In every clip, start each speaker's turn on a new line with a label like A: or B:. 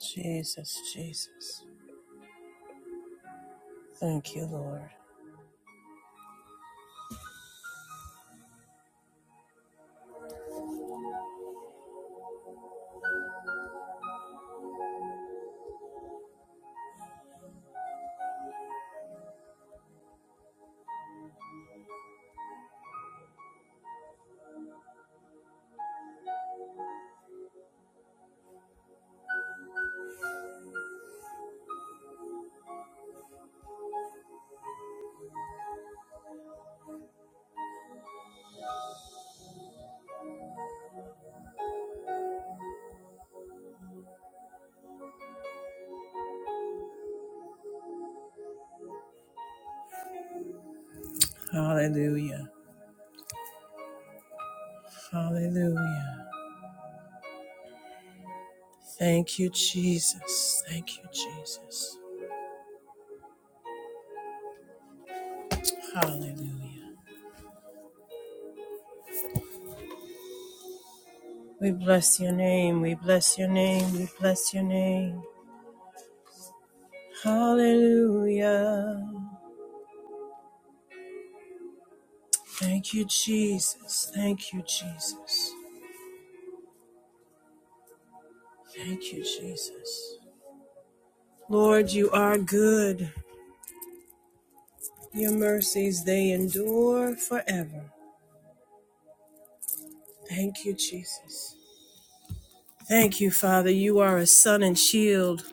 A: Jesus, Jesus. Thank you, Lord. Hallelujah. Hallelujah. Thank you, Jesus. Thank you, Jesus. Hallelujah. We bless your name. We bless your name. We bless your name. Hallelujah. Thank you, Jesus. Thank you, Jesus. Thank you, Jesus. Lord, you are good. Your mercies, they endure forever. Thank you, Jesus. Thank you, Father. You are a sun and shield.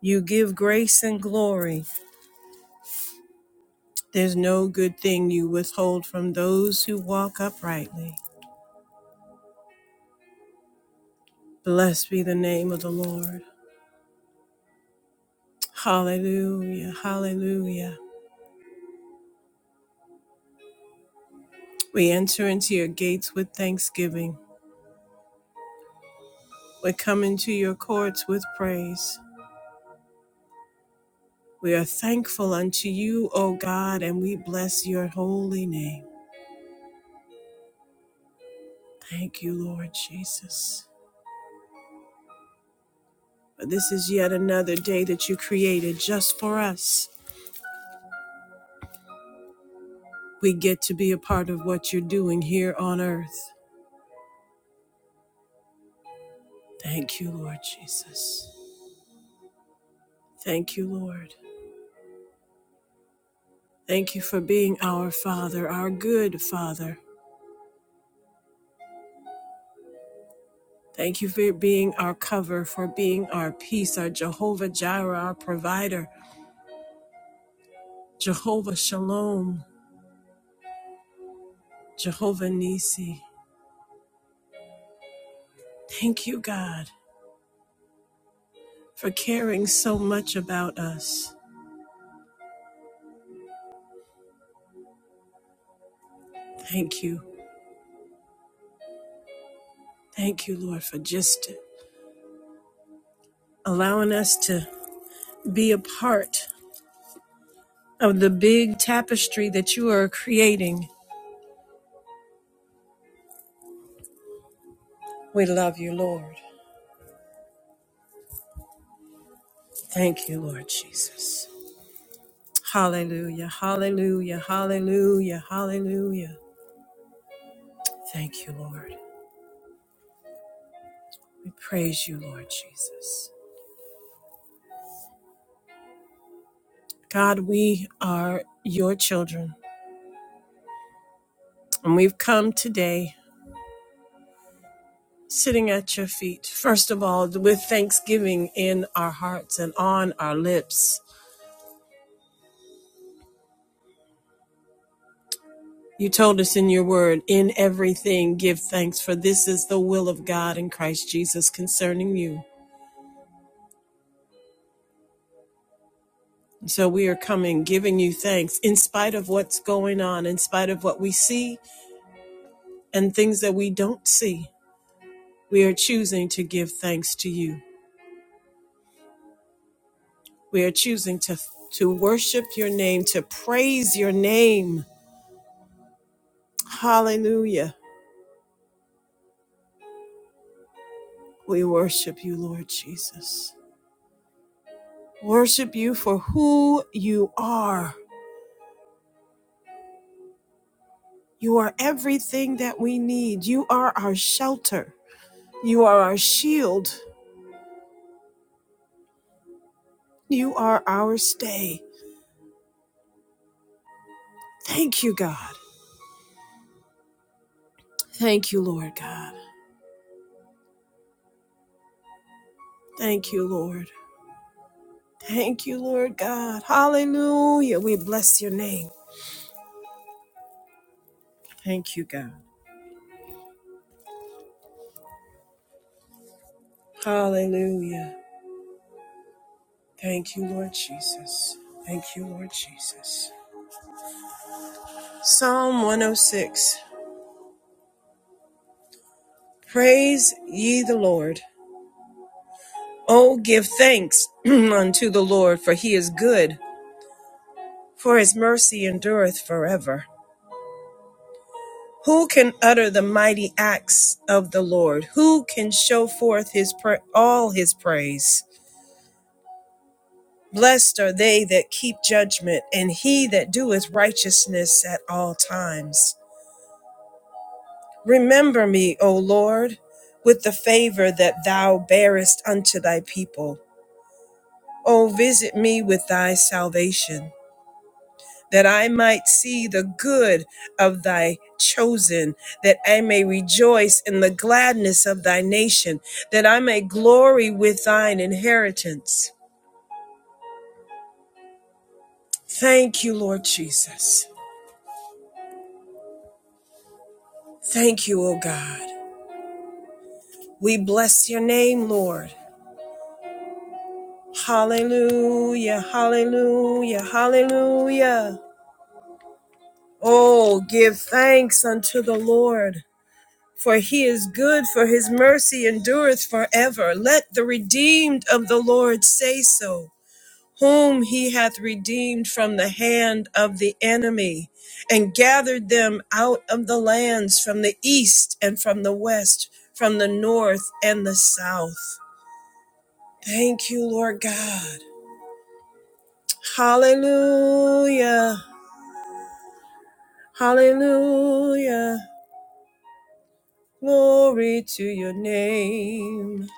A: You give grace and glory. There's no good thing you withhold from those who walk uprightly. Blessed be the name of the Lord. Hallelujah. Hallelujah. We enter into your gates with thanksgiving. We come into your courts with praise. We are thankful unto you, O God, and we bless your holy name. Thank you, Lord Jesus. For this is yet another day that you created just for us. We get to be a part of what you're doing here on earth. Thank you, Lord Jesus. Thank you, Lord. Thank you for being our Father, our good Father. Thank you for being our cover, for being our peace, our Jehovah Jireh, our provider, Jehovah Shalom, Jehovah Nisi. Thank you, God, for caring so much about us. Thank you. Thank you, Lord, for just allowing us to be a part of the big tapestry that you are creating. We love you, Lord. Thank you, Lord Jesus. Hallelujah, hallelujah, hallelujah, hallelujah. Thank you, Lord. We praise you, Lord Jesus. God, we are your children, and we've come today sitting at your feet, first of all, with thanksgiving in our hearts and on our lips You told us in your word, in everything give thanks, for this is the will of God in Christ Jesus concerning you. So we are coming, giving you thanks in spite of what's going on, in spite of what we see and things that we don't see. We are choosing to give thanks to you. We are choosing to, to worship your name, to praise your name. Hallelujah. We worship you, Lord Jesus. Worship you for who you are You are everything that we need. You are our shelter. You are our shield. You are our stay. Thank you, God. Thank you, Lord God. Thank you, Lord. Thank you, Lord God. Hallelujah. We bless your name. Thank you, God. Hallelujah. Thank you, Lord Jesus. Thank you, Lord Jesus. Psalm 106 Praise ye the Lord. Oh, give thanks unto the Lord, for he is good for his mercy endureth forever. Who can utter the mighty acts of the Lord? Who can show forth his pra- all his praise? Blessed are they that keep judgment, and he that doeth righteousness at all times. Remember me, O Lord, with the favor that thou bearest unto thy people. O visit me with thy salvation that I might see the good of thy chosen, that I may rejoice in the gladness of thy nation, that I may glory with thine inheritance. Thank you, Lord Jesus. Thank you, O God. We bless your name, Lord. Hallelujah, hallelujah, hallelujah. Oh, give thanks unto the Lord For he is good, for his mercy endureth forever. Let the redeemed of the Lord say so, whom he hath redeemed from the hand of the enemy, and gathered them out of the lands from the east and from the west, from the north and the south. Thank you, Lord God. Hallelujah. Hallelujah. Glory to your name.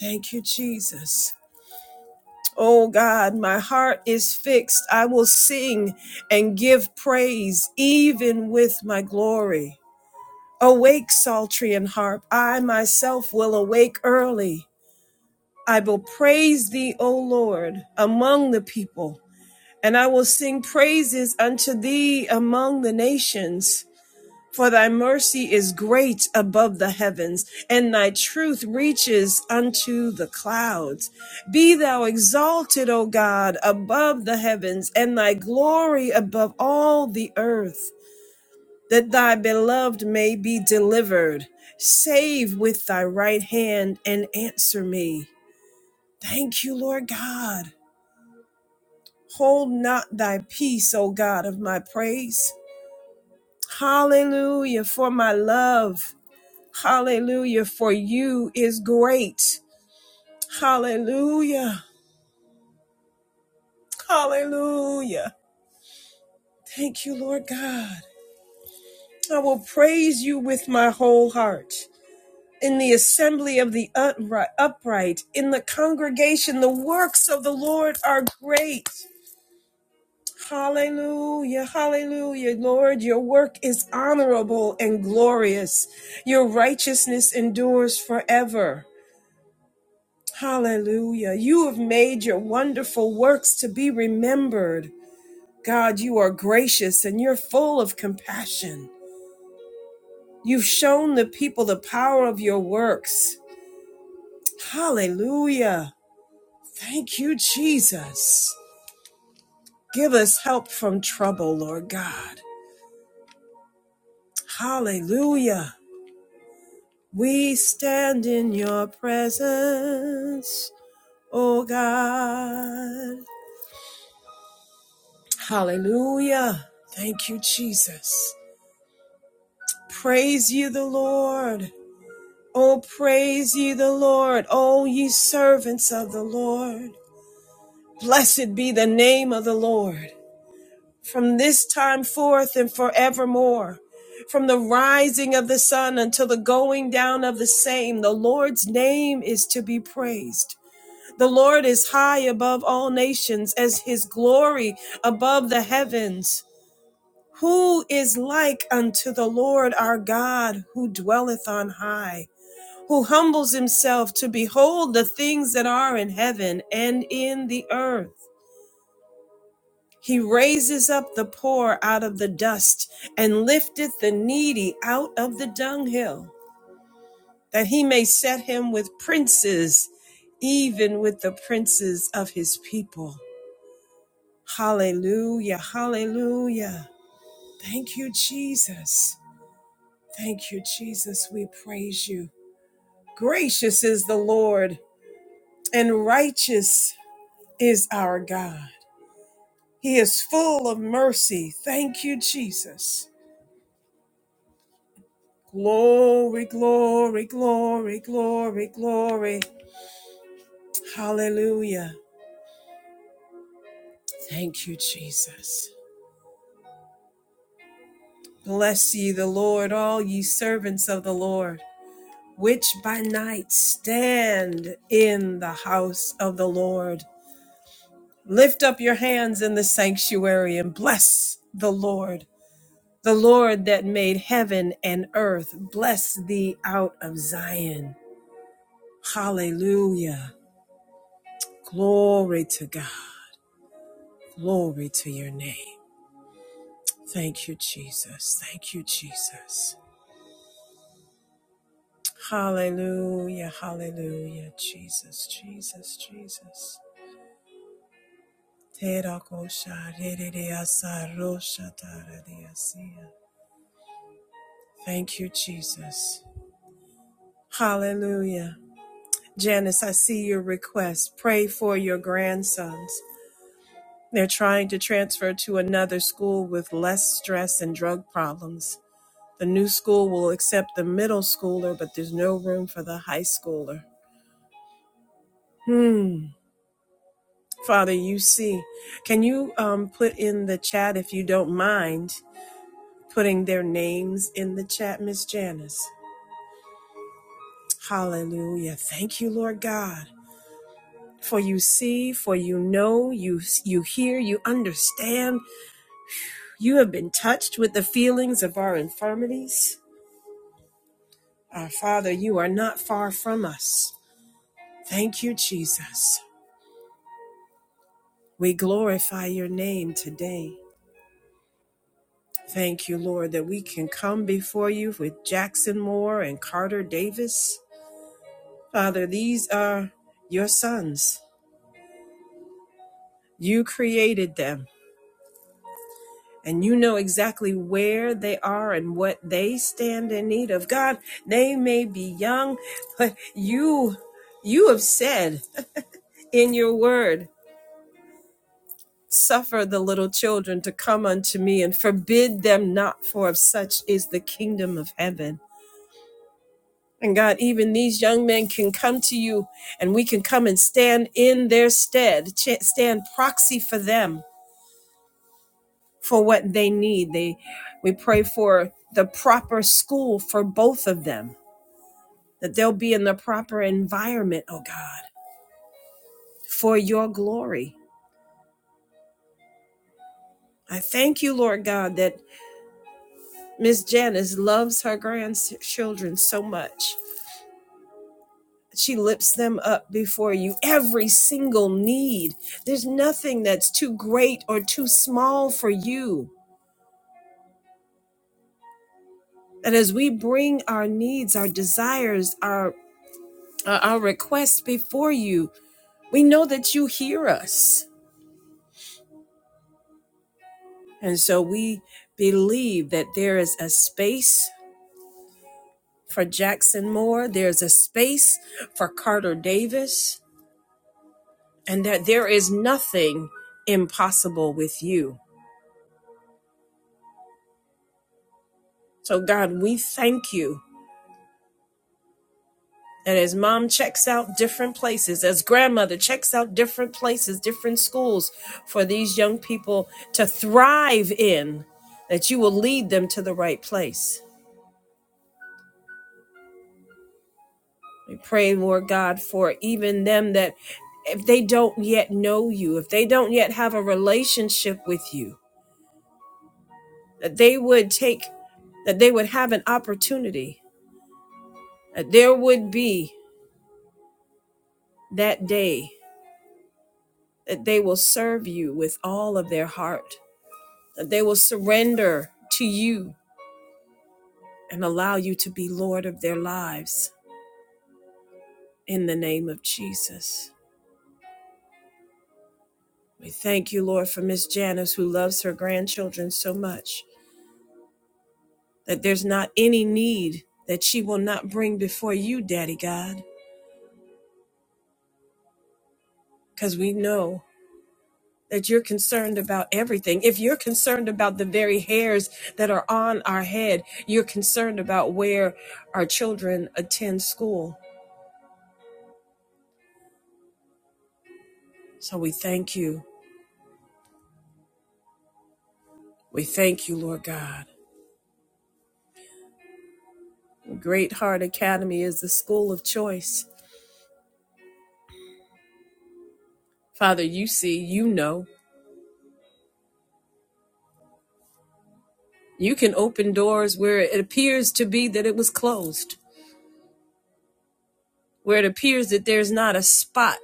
A: Thank you, Jesus. Oh God, my heart is fixed. I will sing and give praise, even with my glory. Awake, psaltery and harp. I myself will awake early. I will praise thee, O Lord, among the people, and I will sing praises unto thee among the nations. For thy mercy is great above the heavens, and thy truth reaches unto the clouds. Be thou exalted, O God, above the heavens, and thy glory above all the earth, that thy beloved may be delivered. Save with thy right hand and answer me. Thank you, Lord God. Hold not thy peace, O God of my praise. Hallelujah for my love. Hallelujah. For you is great. Hallelujah. Hallelujah. Thank you, Lord God. I will praise you with my whole heart. In the assembly of the upright, in the congregation, the works of the Lord are great. Hallelujah, hallelujah. Lord, your work is honorable and glorious. Your righteousness endures forever. Hallelujah. You have made your wonderful works to be remembered. God, you are gracious and you're full of compassion. You've shown the people the power of your works. Hallelujah. Thank you, Jesus. Give us help from trouble, Lord God. Hallelujah. We stand in your presence, oh God. Hallelujah. Thank you, Jesus. Praise ye the Lord. Oh, praise ye the Lord, O ye servants of the Lord. Blessed be the name of the Lord. From this time forth and forevermore, from the rising of the sun until the going down of the same, the Lord's name is to be praised. The Lord is high above all nations, as his glory above the heavens. Who is like unto the Lord our God, who dwelleth on high? who humbles himself to behold the things that are in heaven and in the earth. He raises up the poor out of the dust and lifteth the needy out of the dunghill, that he may set him with princes, even with the princes of his people. Hallelujah, hallelujah. Thank you, Jesus. Thank you, Jesus. We praise you. Gracious is the Lord and righteous is our God. He is full of mercy. Thank you, Jesus. Glory, glory, glory, glory, glory. Hallelujah. Thank you, Jesus. Bless ye the Lord, all ye servants of the Lord, which by night stand in the house of the Lord. Lift up your hands in the sanctuary and bless the Lord. The Lord that made heaven and earth, bless thee out of Zion. Hallelujah. Glory to God. Glory to your name. Thank you, Jesus. Thank you, Jesus. Hallelujah. Hallelujah. Jesus, Jesus, Jesus. Thank you, Jesus. Hallelujah. Janice, I see your request. Pray for your grandsons. They're trying to transfer to another school with less stress and drug problems. The new school will accept the middle schooler, but there's no room for the high schooler. Hmm. Father, you see. Can you um, put in the chat, if you don't mind, putting their names in the chat, Miss Janice? Hallelujah. Thank you, Lord God. For you see, for you know, you you hear, you understand. You have been touched with the feelings of our infirmities. Our Father, you are not far from us. Thank you, Jesus. We glorify your name today. Thank you, Lord, that we can come before you with Jackson Moore and Carter Davis. Father, these are your sons. You created them, and you know exactly where they are and what they stand in need of. God, they may be young, but you you have said in your word Suffer the little children to come unto me and forbid them not, for of such is the kingdom of heaven. And God, even these young men can come to you and we can come and stand in their stead, stand proxy for them for what they need. They, we pray for the proper school for both of them, that they'll be in the proper environment, oh God, for your glory. I thank you, Lord God, that Miss Janice loves her grandchildren so much She lifts them up before you. Every single need. There's nothing that's too great or too small for you. And as we bring our needs, our desires, our uh, our requests before you, we know that you hear us. And so we believe that there is a space for Jackson Moore, there's a space for Carter Davis, and that there is nothing impossible with you. So God, we thank you And as mom checks out different places, as grandmother checks out different places, different schools for these young people to thrive in, that you will lead them to the right place. We pray, Lord God, for even them that if they don't yet know you, if they don't yet have a relationship with you, that they would take, that they would have an opportunity, that there would be that day that they will serve you with all of their heart They will surrender to you and allow you to be Lord of their lives in the name of Jesus. We thank you, Lord, for Miss Janice, who loves her grandchildren so much that there's not any need that she will not bring before you, Daddy God, because we know that you're concerned about everything. If you're concerned about the very hairs that are on our head, you're concerned about where our children attend school. So we thank you. We thank you, Lord God. Great Heart Academy is the school of choice. Father, you see, you know. You can open doors where it appears to be that it was closed, where it appears that there's not a spot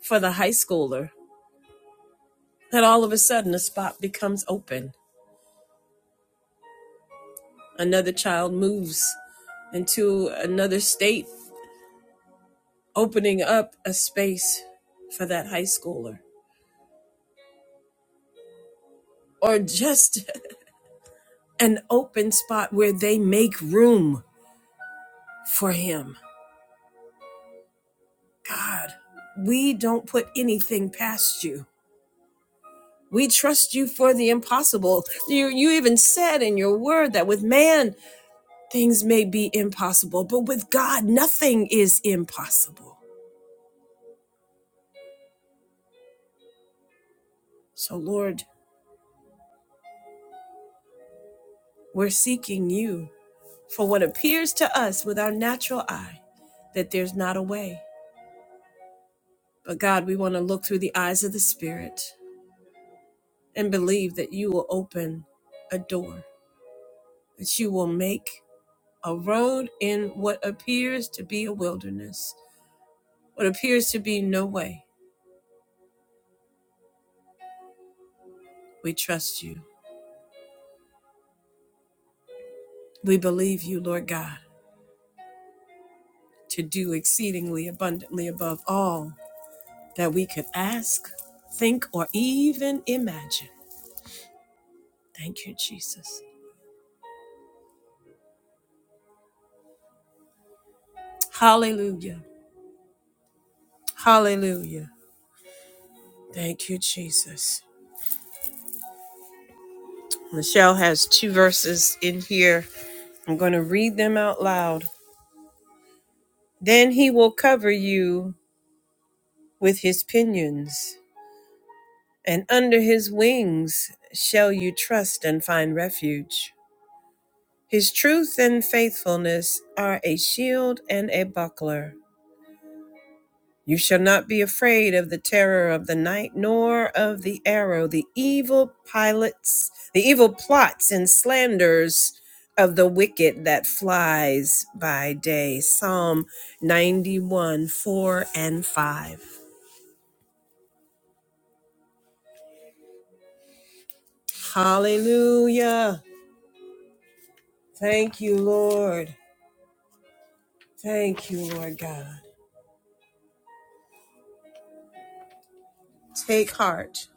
A: for the high schooler, that all of a sudden a spot becomes open. Another child moves into another state, opening up a space for that high schooler, or just an open spot where they make room for him God, we don't put anything past you. We trust you for the impossible. You, you even said in your word that with man, things may be impossible, but with God, nothing is impossible. So, Lord, we're seeking you for what appears to us with our natural eye that there's not a way. But, God, we want to look through the eyes of the Spirit and believe that you will open a door, that you will make a road in what appears to be a wilderness, what appears to be no way. We trust you. We believe you, Lord God, to do exceedingly abundantly above all that we could ask, think, or even imagine. Thank you, Jesus. Hallelujah. Hallelujah. Thank you, Jesus. Michelle has two verses in here. I'm going to read them out loud. Then he will cover you with his pinions. and under his wings shall you trust and find refuge. His truth and faithfulness are a shield and a buckler. You shall not be afraid of the terror of the night, nor of the arrow, the evil pilots, the evil plots and slanders of the wicked that flies by day. Psalm 91, 4 and 5. Hallelujah. Thank you, Lord. Thank you, Lord God. Take heart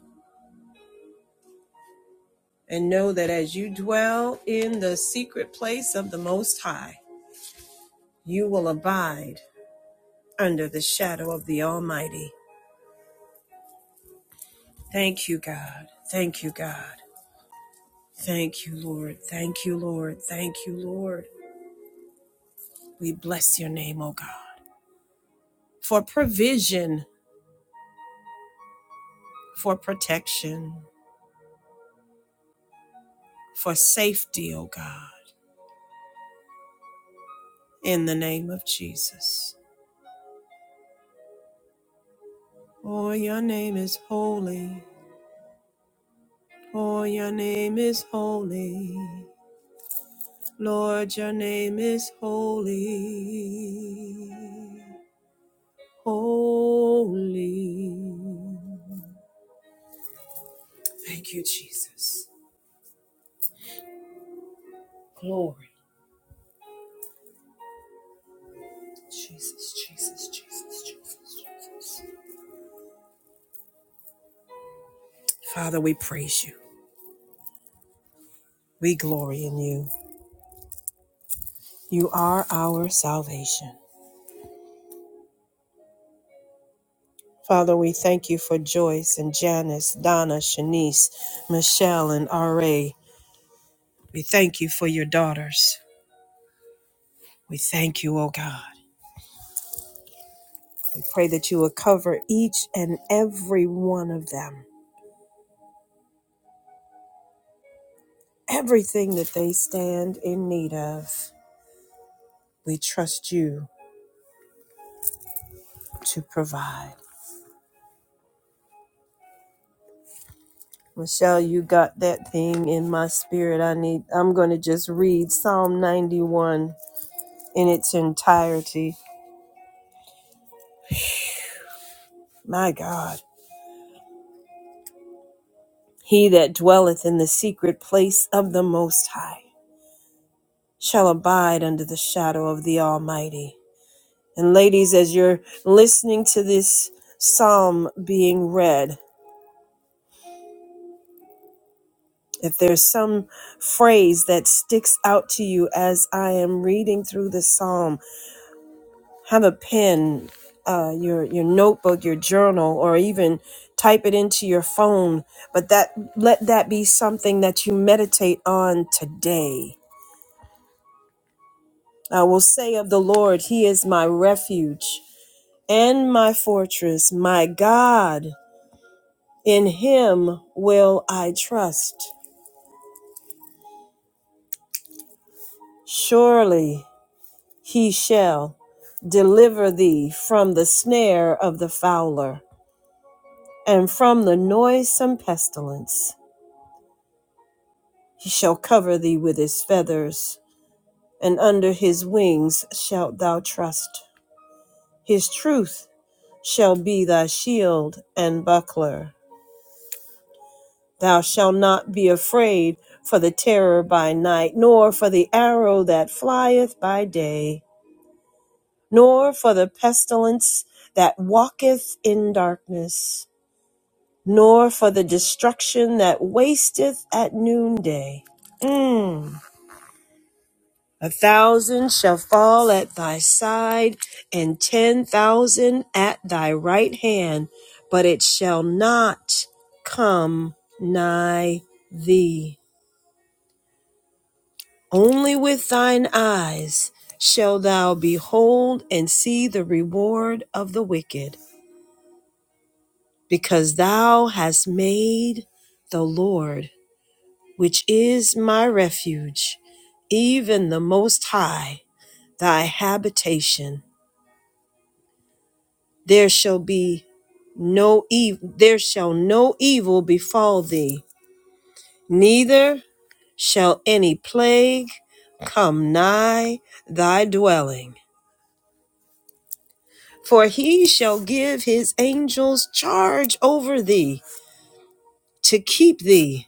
A: and know that as you dwell in the secret place of the Most High, you will abide under the shadow of the Almighty. Thank you, God. Thank you, God. Thank you, Lord. Thank you, Lord. Thank you, Lord. We bless your name, O God, for provision, for protection, for safety, O God, in the name of Jesus. Oh, your name is holy. For your name is holy, Lord, your name is holy. Holy. Thank you, Jesus. Glory. Jesus, Jesus, Jesus, Jesus, Jesus. Father, we praise you. We glory in you. You are our salvation. Father, we thank you for Joyce and Janice, Donna, Shanice, Michelle, and R.A. We thank you for your daughters. We thank you, O God. We pray that you will cover each and every one of them, everything that they stand in need of. We trust you to provide. Michelle, you got that thing in my spirit. I need, I'm going to just read Psalm 91 in its entirety. My God. He that dwelleth in the secret place of the Most High shall abide under the shadow of the Almighty. And ladies, as you're listening to this psalm being read, if there's some phrase that sticks out to you as I am reading through the psalm, have a pen, uh, your your notebook, your journal, or even type it into your phone. But that let that be something that you meditate on today. I will say of the Lord, He is my refuge and my fortress, my God In him will I trust. Surely he shall deliver thee from the snare of the fowler and from the noisome pestilence. He shall cover thee with his feathers, and under his wings shalt thou trust. His truth shall be thy shield and buckler. Thou shalt not be afraid for the terror by night, nor for the arrow that flieth by day nor for the pestilence that walketh in darkness, nor for the destruction that wasteth at noonday. Mm. A thousand shall fall at thy side, and ten thousand at thy right hand, but it shall not come nigh thee. Only with thine eyes shall thou behold and see the reward of the wicked because thou hast made the Lord, which is my refuge, even the Most High, thy habitation. There shall be no evil, there shall no evil befall thee, neither shall any plague come nigh thy dwelling. For he shall give his angels charge over thee to keep thee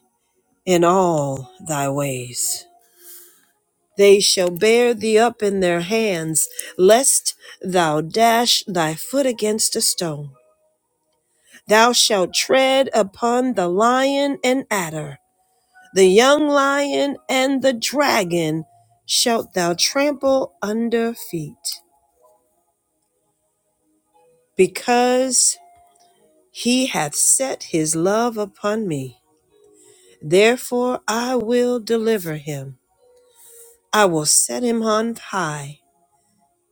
A: in all thy ways. They shall bear thee up in their hands, lest thou dash thy foot against a stone. Thou shalt tread upon the lion and adder, the young lion and the dragon shalt thou trample under feet. Because he hath set his love upon me, therefore I will deliver him. I will set him on high,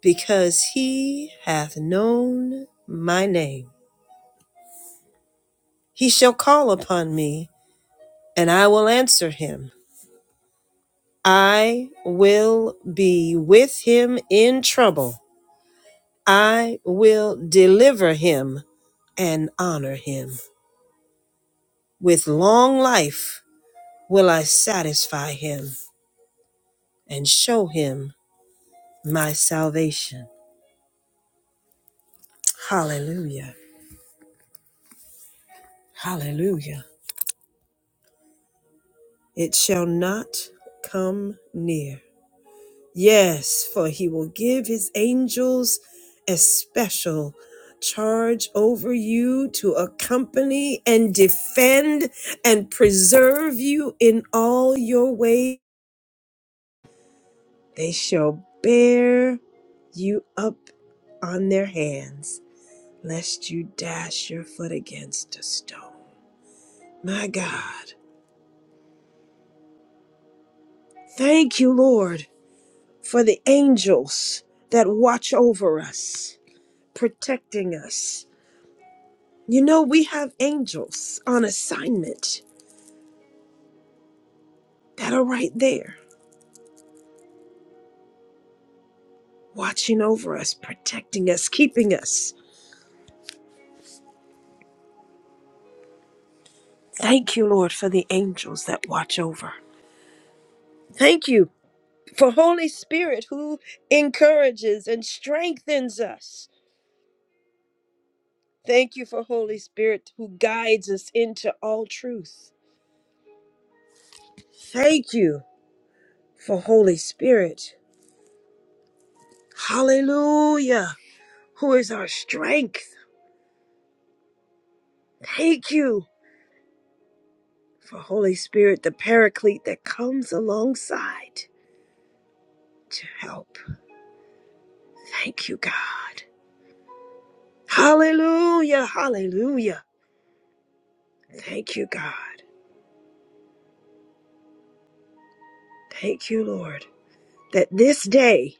A: because he hath known my name. He shall call upon me, and I will answer him. I will be with him in trouble. I will deliver him and honor him. With long life will I satisfy him and show him my salvation. Hallelujah. Hallelujah. It shall not come near. Yes, for he will give his angels a special charge over you to accompany and defend and preserve you in all your ways. They shall bear you up on their hands, lest you dash your foot against a stone. My God, thank you, Lord, for the angels that watch over us, protecting us You know, we have angels on assignment that are right there, watching over us, protecting us, keeping us. Thank you, Lord, for the angels that watch over. Thank you for Holy Spirit who encourages and strengthens us. Thank you for Holy Spirit who guides us into all truth. Thank you for Holy Spirit. Hallelujah, who is our strength. Thank you for Holy Spirit, the paraclete that comes alongside to help. Thank you, God. Hallelujah. Hallelujah. Thank you, God. Thank you, Lord, that this day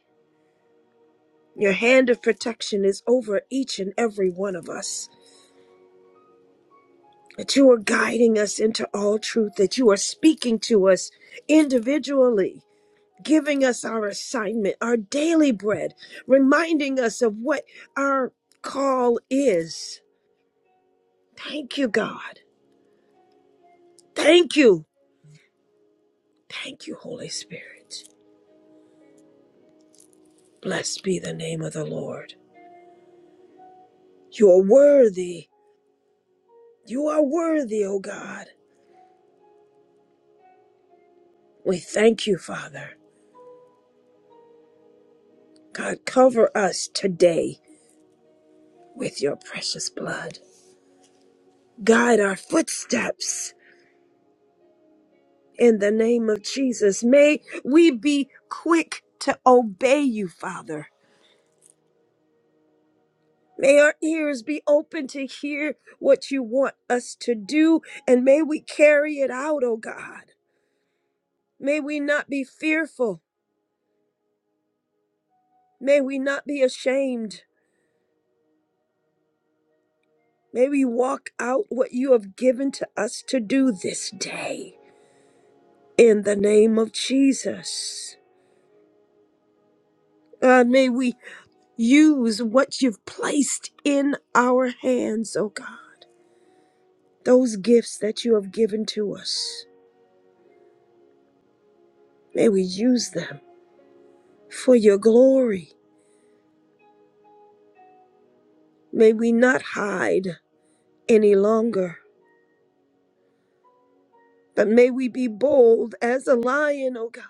A: your hand of protection is over each and every one of us. That you are guiding us into all truth, that you are speaking to us individually, giving us our assignment, our daily bread, reminding us of what our call is Thank you, God. Thank you. Thank you, Holy Spirit. Blessed be the name of the Lord. You are worthy. You are worthy, O God. We thank you, Father. God, cover us today with your precious blood. Guide our footsteps in the name of Jesus. May we be quick to obey you, Father. May our ears be open to hear what you want us to do, and may we carry it out, O God. May we not be fearful. May we not be ashamed. May we walk out what you have given to us to do this day. In the name of Jesus. God, may we use what you've placed in our hands, oh God. Those gifts that you have given to us. May we use them for your glory. May we not hide any longer, but may we be bold as a lion, oh God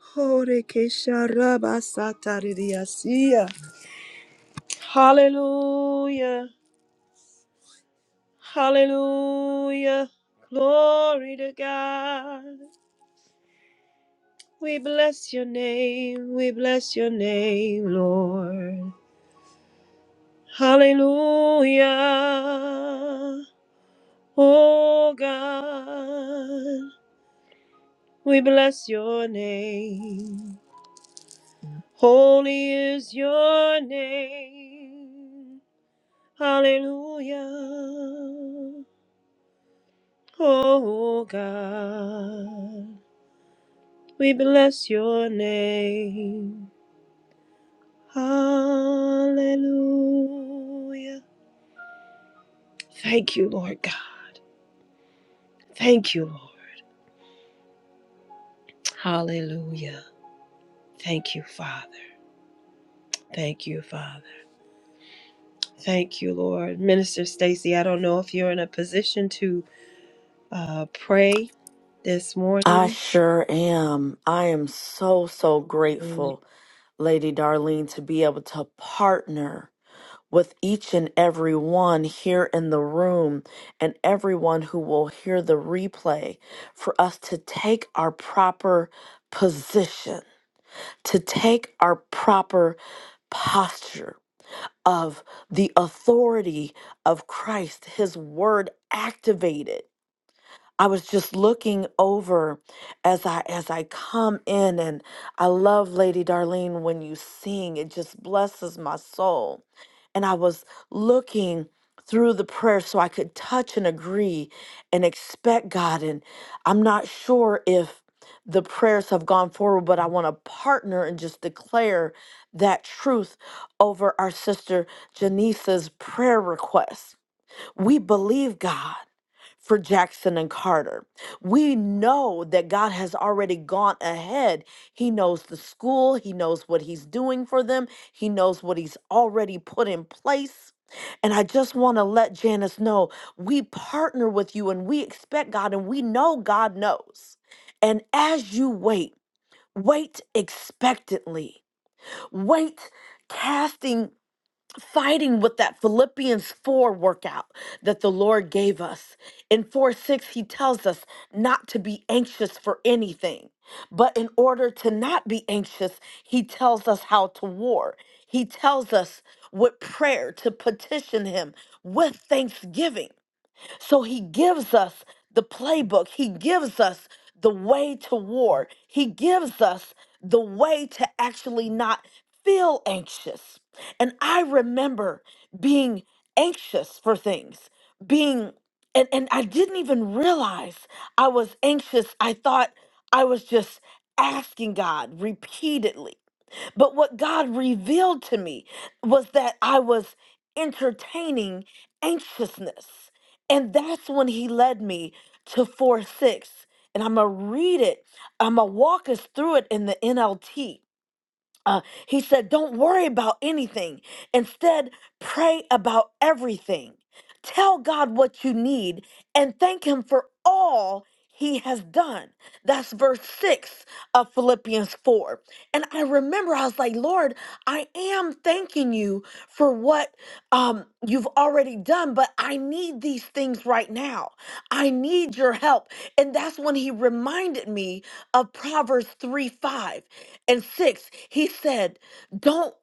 A: Hore Hallelujah. Hallelujah. Glory to God. We bless your name. We bless your name, Lord. Hallelujah. Oh God. We bless your name. Holy is your name. Hallelujah. Oh God, we bless your name. Hallelujah. Thank you, Lord God. Thank you, Lord. Hallelujah. Thank you, Father. Thank you, Father. Thank you, Lord. Minister Stacy, I don't know if you're in a position to uh, pray this
B: I
A: morning.
B: sure am. I am so, so grateful, Lady Darlene, to be able to partner with each and every one here in the room and everyone who will hear the replay for us to take our proper position, to take our proper posture of the authority of Christ, His word activated I was just looking over as I as I come in and I love Lady Darlene when you sing it just blesses my soul. And I was looking through the prayer so I could touch and agree and expect God and I'm not sure if the prayers have gone forward but I want to partner and just declare that truth over our sister Janice's prayer request. We believe God for Jackson and Carter. We know that God has already gone ahead. He knows the school, He knows what He's doing for them, He knows what He's already put in place. And I just want to let Janice know we partner with you and we expect God and we know God knows. And as you wait, wait expectantly. Wait casting fighting with that Philippians 4 workout that the Lord gave us. In 4 6, he tells us not to be anxious for anything. But in order to not be anxious, he tells us how to war. He tells us with prayer to petition him with thanksgiving. So he gives us the playbook, he gives us the way to war, he gives us the way to actually not feel anxious. And I remember being anxious for things, being and, and I didn't even realize I was anxious. I thought I was just asking God repeatedly but what God revealed to me was that I was entertaining anxiousness. And that's when He led me to 4 6. And I'm going to read it, I'm going to walk us through it in the NLT uh, he said, Don't worry about anything. Instead, pray about everything. Tell God what you need and thank Him for all He has done. That's verse 6 of Philippians 4. And I remember I was like, Lord, I am thanking you for what um, you've already done, but I need these things right now. I need your help. And that's when He reminded me of Proverbs 3 5 and 6, he said, Don't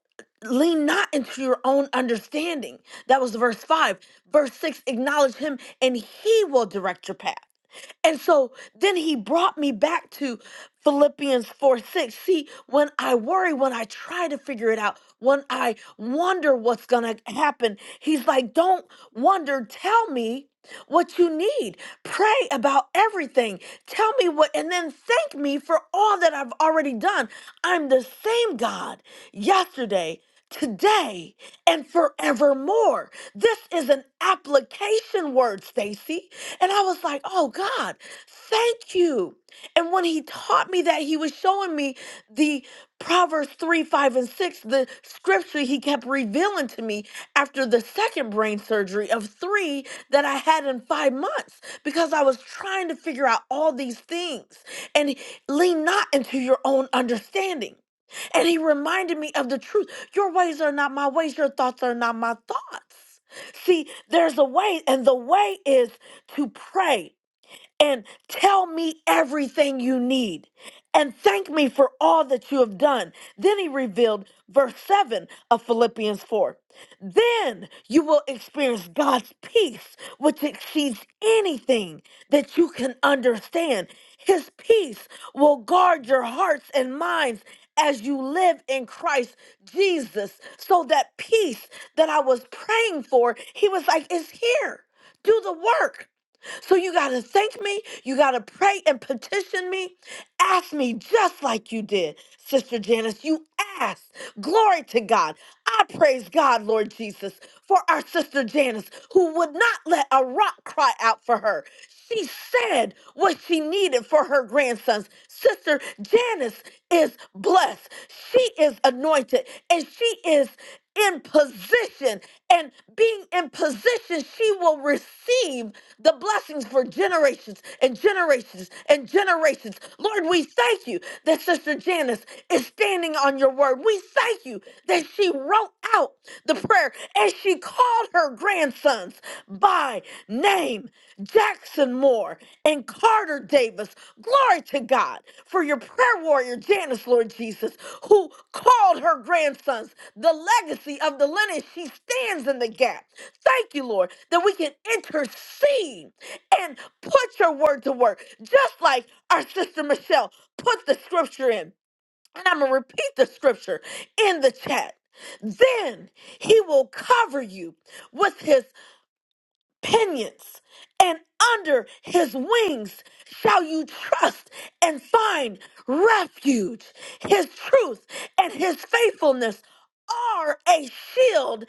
B: lean not into your own understanding. That was verse 5. Verse 6, acknowledge him and he will direct your path. And so then he brought me back to Philippians 4 6. See, when I worry, when I try to figure it out, when I wonder what's going to happen, he's like, don't wonder, tell me what you need. Pray about everything. Tell me what, and then thank me for all that I've already done. I'm the same God yesterday. Today and forevermore. This is an application word, Stacy. And I was like, oh God, thank you. And when he taught me that, he was showing me the Proverbs 3, 5, and 6, the scripture he kept revealing to me after the second brain surgery of three that I had in five months because I was trying to figure out all these things. And lean not into your own understanding. And he reminded me of the truth. Your ways are not my ways, your thoughts are not my thoughts. See, there's a way, and the way is to pray and tell me everything you need and thank me for all that you have done. Then he revealed verse 7 of Philippians 4. Then you will experience God's peace, which exceeds anything that you can understand. His peace will guard your hearts and minds as you live in Christ Jesus. So that peace that I was praying for, he was like, is here. Do the work. So you got to thank me. You got to pray and petition me. Ask me just like you did, Sister Janice. You asked. Glory to God. I praise God, Lord Jesus, for our Sister Janice, who would not let a rock cry out for her. She said what she needed for her grandsons. Sister Janice is blessed. She is anointed and she is in position and being in position, she will receive the blessings for generations and generations and generations. Lord, we thank you that Sister Janice is standing on your word. We thank you that she wrote out the prayer and she called her grandsons by name Jackson Moore and Carter Davis. Glory to God for your prayer warrior, Janice, Lord Jesus, who called her grandsons the legacy of the lineage. She stands in the gap. Thank you, Lord, that we can intercede and put your word to work, just like our sister Michelle put the scripture in. And I'm going to repeat the scripture in the chat. Then he will cover you with his pinions, and under his wings shall you trust and find refuge. His truth and his faithfulness are a shield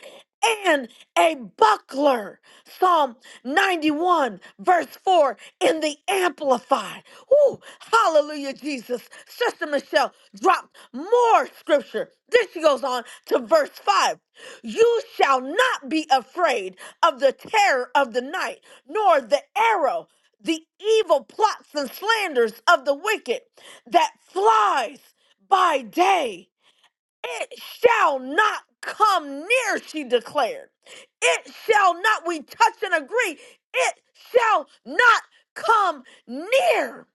B: and a buckler. Psalm 91, verse 4 in the Amplified. Woo, hallelujah, Jesus. Sister Michelle dropped more scripture. Then she goes on to verse 5. You shall not be afraid of the terror of the night, nor the arrow, the evil plots and slanders of the wicked that flies by day. It shall not come near, she declared. It shall not, we touch and agree, it shall not come near.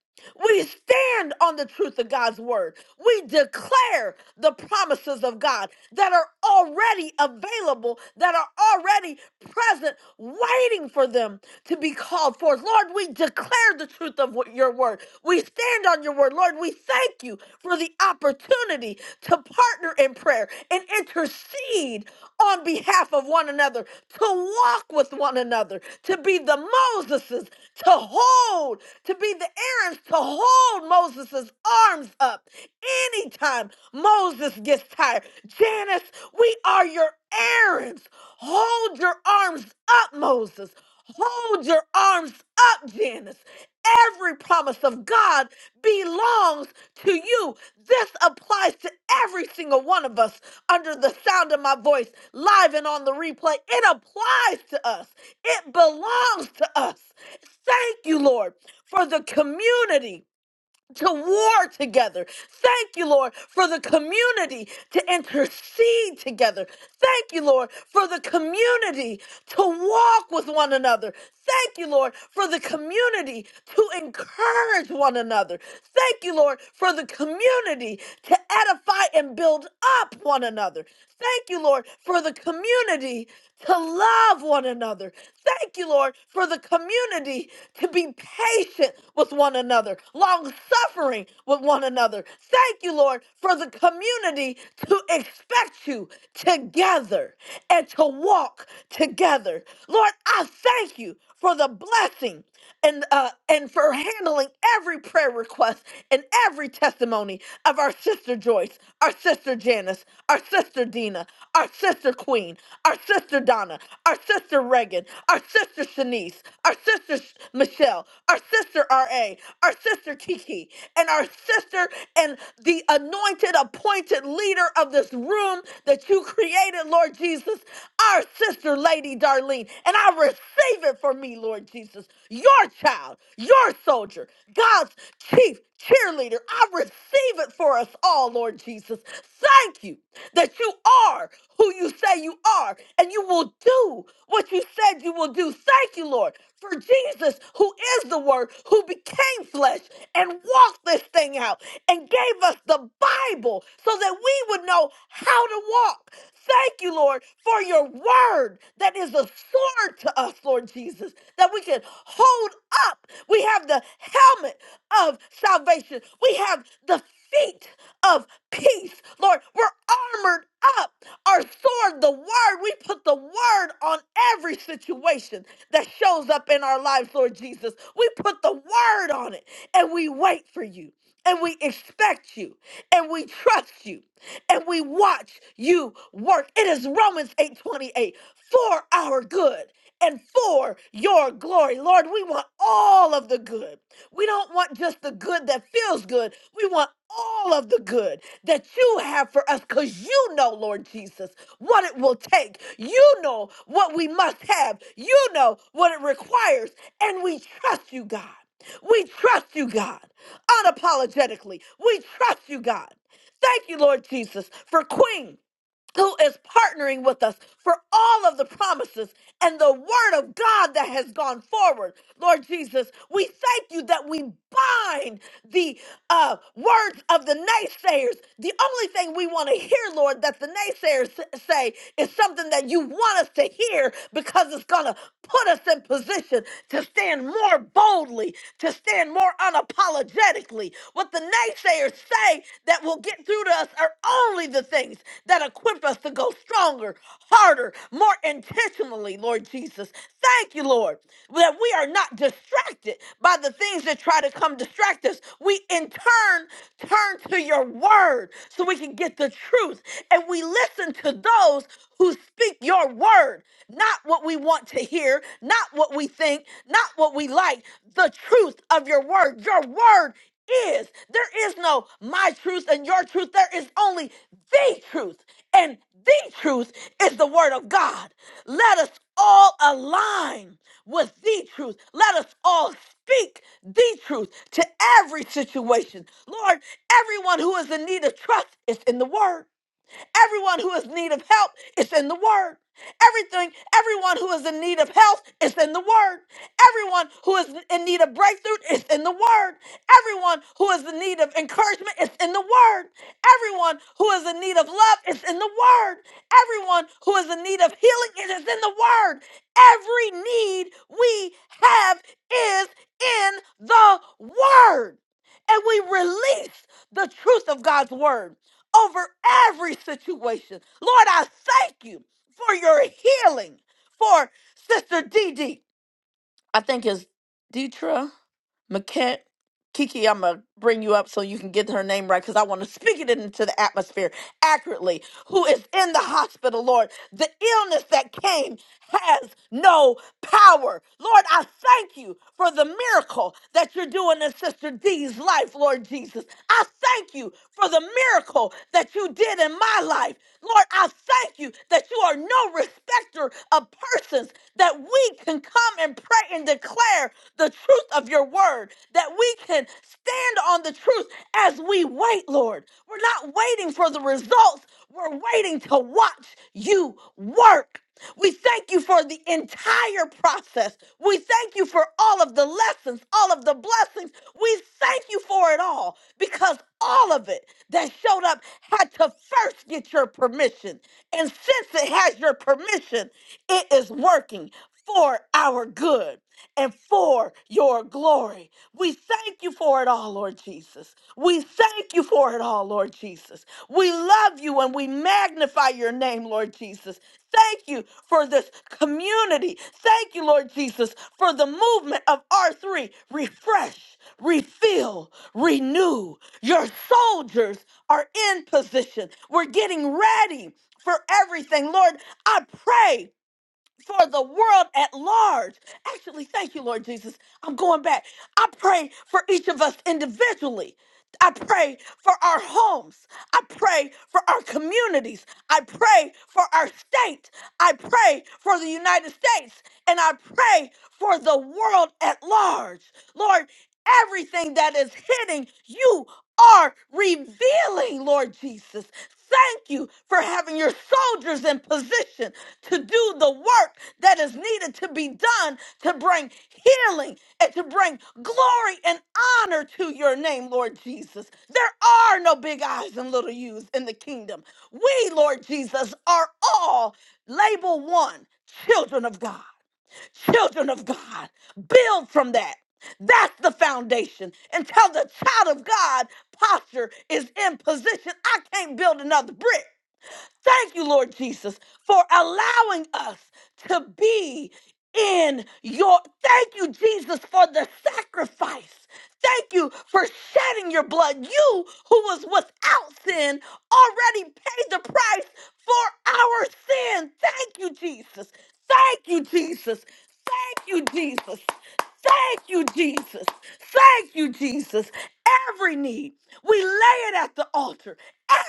B: We stand on the truth of God's word. We declare the promises of God that are already available, that are already present, waiting for them to be called forth. Lord, we declare the truth of what- your word. We stand on your word. Lord, we thank you for the opportunity to partner in prayer and intercede on behalf of one another, to walk with one another, to be the Moseses, to hold, to be the Aaron's, to hold Moses's arms up Anytime Moses gets tired, Janice, we are your errands. Hold your arms up, Moses. Hold your arms up, Janice. Every promise of God belongs to you. This applies to every single one of us under the sound of my voice, live and on the replay. It applies to us, it belongs to us. Thank you, Lord, for the community to war together. Thank you, Lord, for the community to intercede together. Thank you, Lord, for the community to walk with one another. Thank you, Lord, for the community to encourage one another. Thank you, Lord, for the community to edify and build up one another. Thank you, Lord, for the community to love one another. Thank you, Lord, for the community community to be patient with one another, long suffering with one another. Thank you, Lord, for the community to expect you together and to walk together. Lord, I thank you for the blessing and uh, and for handling every prayer request and every testimony of our sister Joyce, our sister Janice, our sister Dina, our sister Queen our sister Donna, our sister Reagan, our sister Shanice, our sister Sh- Michelle, our sister RA, our sister Kiki, and our sister and the anointed, appointed leader of this room that you created, Lord Jesus, our sister Lady Darlene. And I receive it for me, Lord Jesus, your child, your soldier, God's chief cheerleader. I receive it for us all, Lord Jesus. Jesus. Thank you that you are who you say you are and you will do what you said you will do. Thank you, Lord, for Jesus, who is the Word, who became flesh and walked this thing out and gave us the Bible so that we would know how to walk. Thank you, Lord, for your word that is a sword to us, Lord Jesus, that we can hold up. We have the helmet of salvation, we have the feet of peace. Lord, we're armored up. Our sword, the word, we put the word on every situation that shows up in our lives, Lord Jesus. We put the word on it and we wait for you. And we expect you and we trust you and we watch you work. It is Romans 8 28 for our good and for your glory. Lord, we want all of the good. We don't want just the good that feels good. We want all of the good that you have for us because you know, Lord Jesus, what it will take. You know what we must have. You know what it requires. And we trust you, God. We trust you, God, unapologetically. We trust you, God. Thank you, Lord Jesus, for Queen who is partnering with us for all of the promises and the word of God that has gone forward. Lord Jesus, we thank you that we bind the uh, words of the naysayers. The only thing we want to hear, Lord, that the naysayers s- say is something that you want us to hear because it's going to put us in position to stand more boldly, to stand more unapologetically. What the naysayers say, that that will get through to us are only the things that equip us to go stronger, harder, more intentionally, Lord Jesus. Thank you, Lord, that we are not distracted by the things that try to come distract us. We in turn turn to your word so we can get the truth. And we listen to those who speak your word, not what we want to hear, not what we think, not what we like, the truth of your word. Your word is. There is no my truth and your truth. There is only the truth. And the truth is the word of God. Let us all align with the truth. Let us all speak the truth to every situation. Lord, everyone who is in need of trust is in the word. Everyone who is in need of help is in the Word. Everything, everyone who is in need of health is in the Word. Everyone who is in need of breakthrough is in the Word. Everyone who is in need of encouragement is in the Word. Everyone who is in need of love is in the Word. Everyone who is in need of healing is is in the Word. Every need we have is in the Word. And we release the truth of God's Word over every situation. Lord, I thank you for your healing for Sister DD. I think it's Detra. McKent, Kiki, I'm going to bring you up so you can get her name right because I want to speak it into the atmosphere accurately. Who is in the hospital, Lord? The illness that came has no power. Lord, I thank you for the miracle that you're doing in Sister D's life, Lord Jesus. I thank you for the miracle that you did in my life. Lord, I thank you that you are no respecter of persons, that we can come and pray and declare the truth of your word, that we can stand on the truth as we wait, Lord. We're not waiting for the results, we're waiting to watch you work. We thank you for the entire process. We thank you for all of the lessons, all of the blessings. We thank you for it all because all of it that showed up had to first get your permission. And since it has your permission, it is working for our good and for your glory. We thank you for it all, Lord Jesus. We thank you for it all, Lord Jesus. We love you and we magnify your name, Lord Jesus. Thank you for this community. Thank you, Lord Jesus, for the movement of R3. Refresh, refill, renew. Your soldiers are in position. We're getting ready for everything. Lord, I pray for the world at large. Actually, thank you, Lord Jesus. I'm going back. I pray for each of us individually. I pray for our homes. I pray for our communities. I pray for our state. I pray for the United States. And I pray for the world at large. Lord, everything that is hitting, you are revealing, Lord Jesus. Thank you for having your soldiers in position to do the work that is needed to be done to bring healing and to bring glory and honor to your name, Lord Jesus. There are no big eyes and little U's in the kingdom. We, Lord Jesus, are all label one children of God, children of God. Build from that. That's the foundation. Until the child of God posture is in position, I can't build another brick. Thank you, Lord Jesus, for allowing us to be in your. Thank you, Jesus, for the sacrifice. Thank you for shedding your blood. You, who was without sin, already paid the price for our sin. Thank you, Jesus. Thank you, Jesus. Thank you, Jesus. Thank you, Jesus. Thank you, Jesus. Every need, we lay it at the altar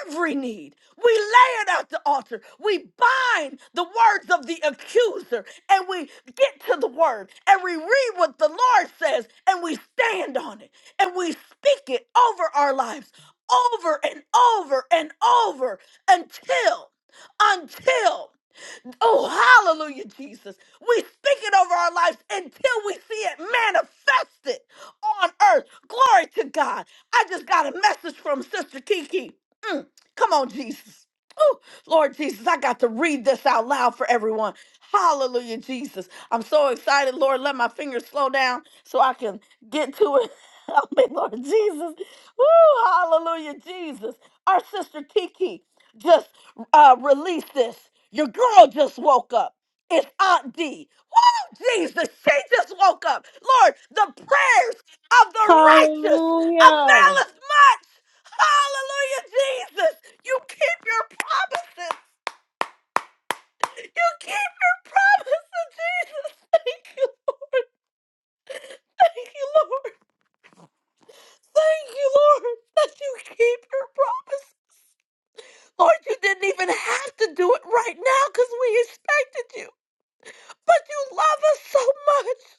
B: every need. We lay it at the altar. We bind the words of the accuser and we get to the word and we read what the Lord says and we stand on it and we speak it over our lives over and over and over until, until. Oh, hallelujah, Jesus. We speak it over our lives until we see it manifested on earth. Glory to God. I just got a message from Sister Kiki. Mm, come on, Jesus. Oh, Lord Jesus, I got to read this out loud for everyone. Hallelujah, Jesus. I'm so excited, Lord. Let my fingers slow down so I can get to it. Help me, Lord Jesus. Woo, hallelujah, Jesus. Our sister Kiki just uh, release this. Your girl just woke up. It's Aunt D. Woo, Jesus, she just woke up. Lord, the prayers of the righteous
A: Hallelujah.
B: availeth much. Hallelujah, Jesus. You keep your promises. You keep your promises, Jesus. Thank you, Lord. Thank you, Lord. Thank you, Lord, that you keep your promise. Lord, you didn't even have to do it right now because we expected you. but you love us so much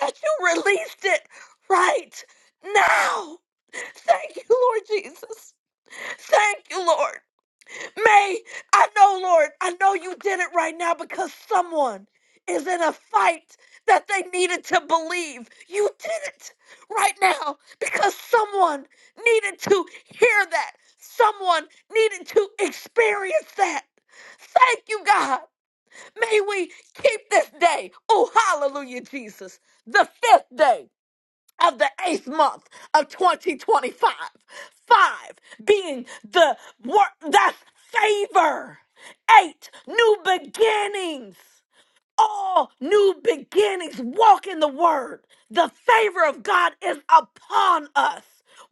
B: that you released it right now. Thank you, Lord Jesus. Thank you, Lord. May I know, Lord, I know you did it right now because someone is in a fight that they needed to believe. You did it right now because someone needed to hear that. Someone needed to experience that. Thank you, God. May we keep this day. Oh, hallelujah, Jesus. The fifth day of the eighth month of 2025. Five being the work that's favor. Eight new beginnings all new beginnings. Walk in the word. The favor of God is upon us.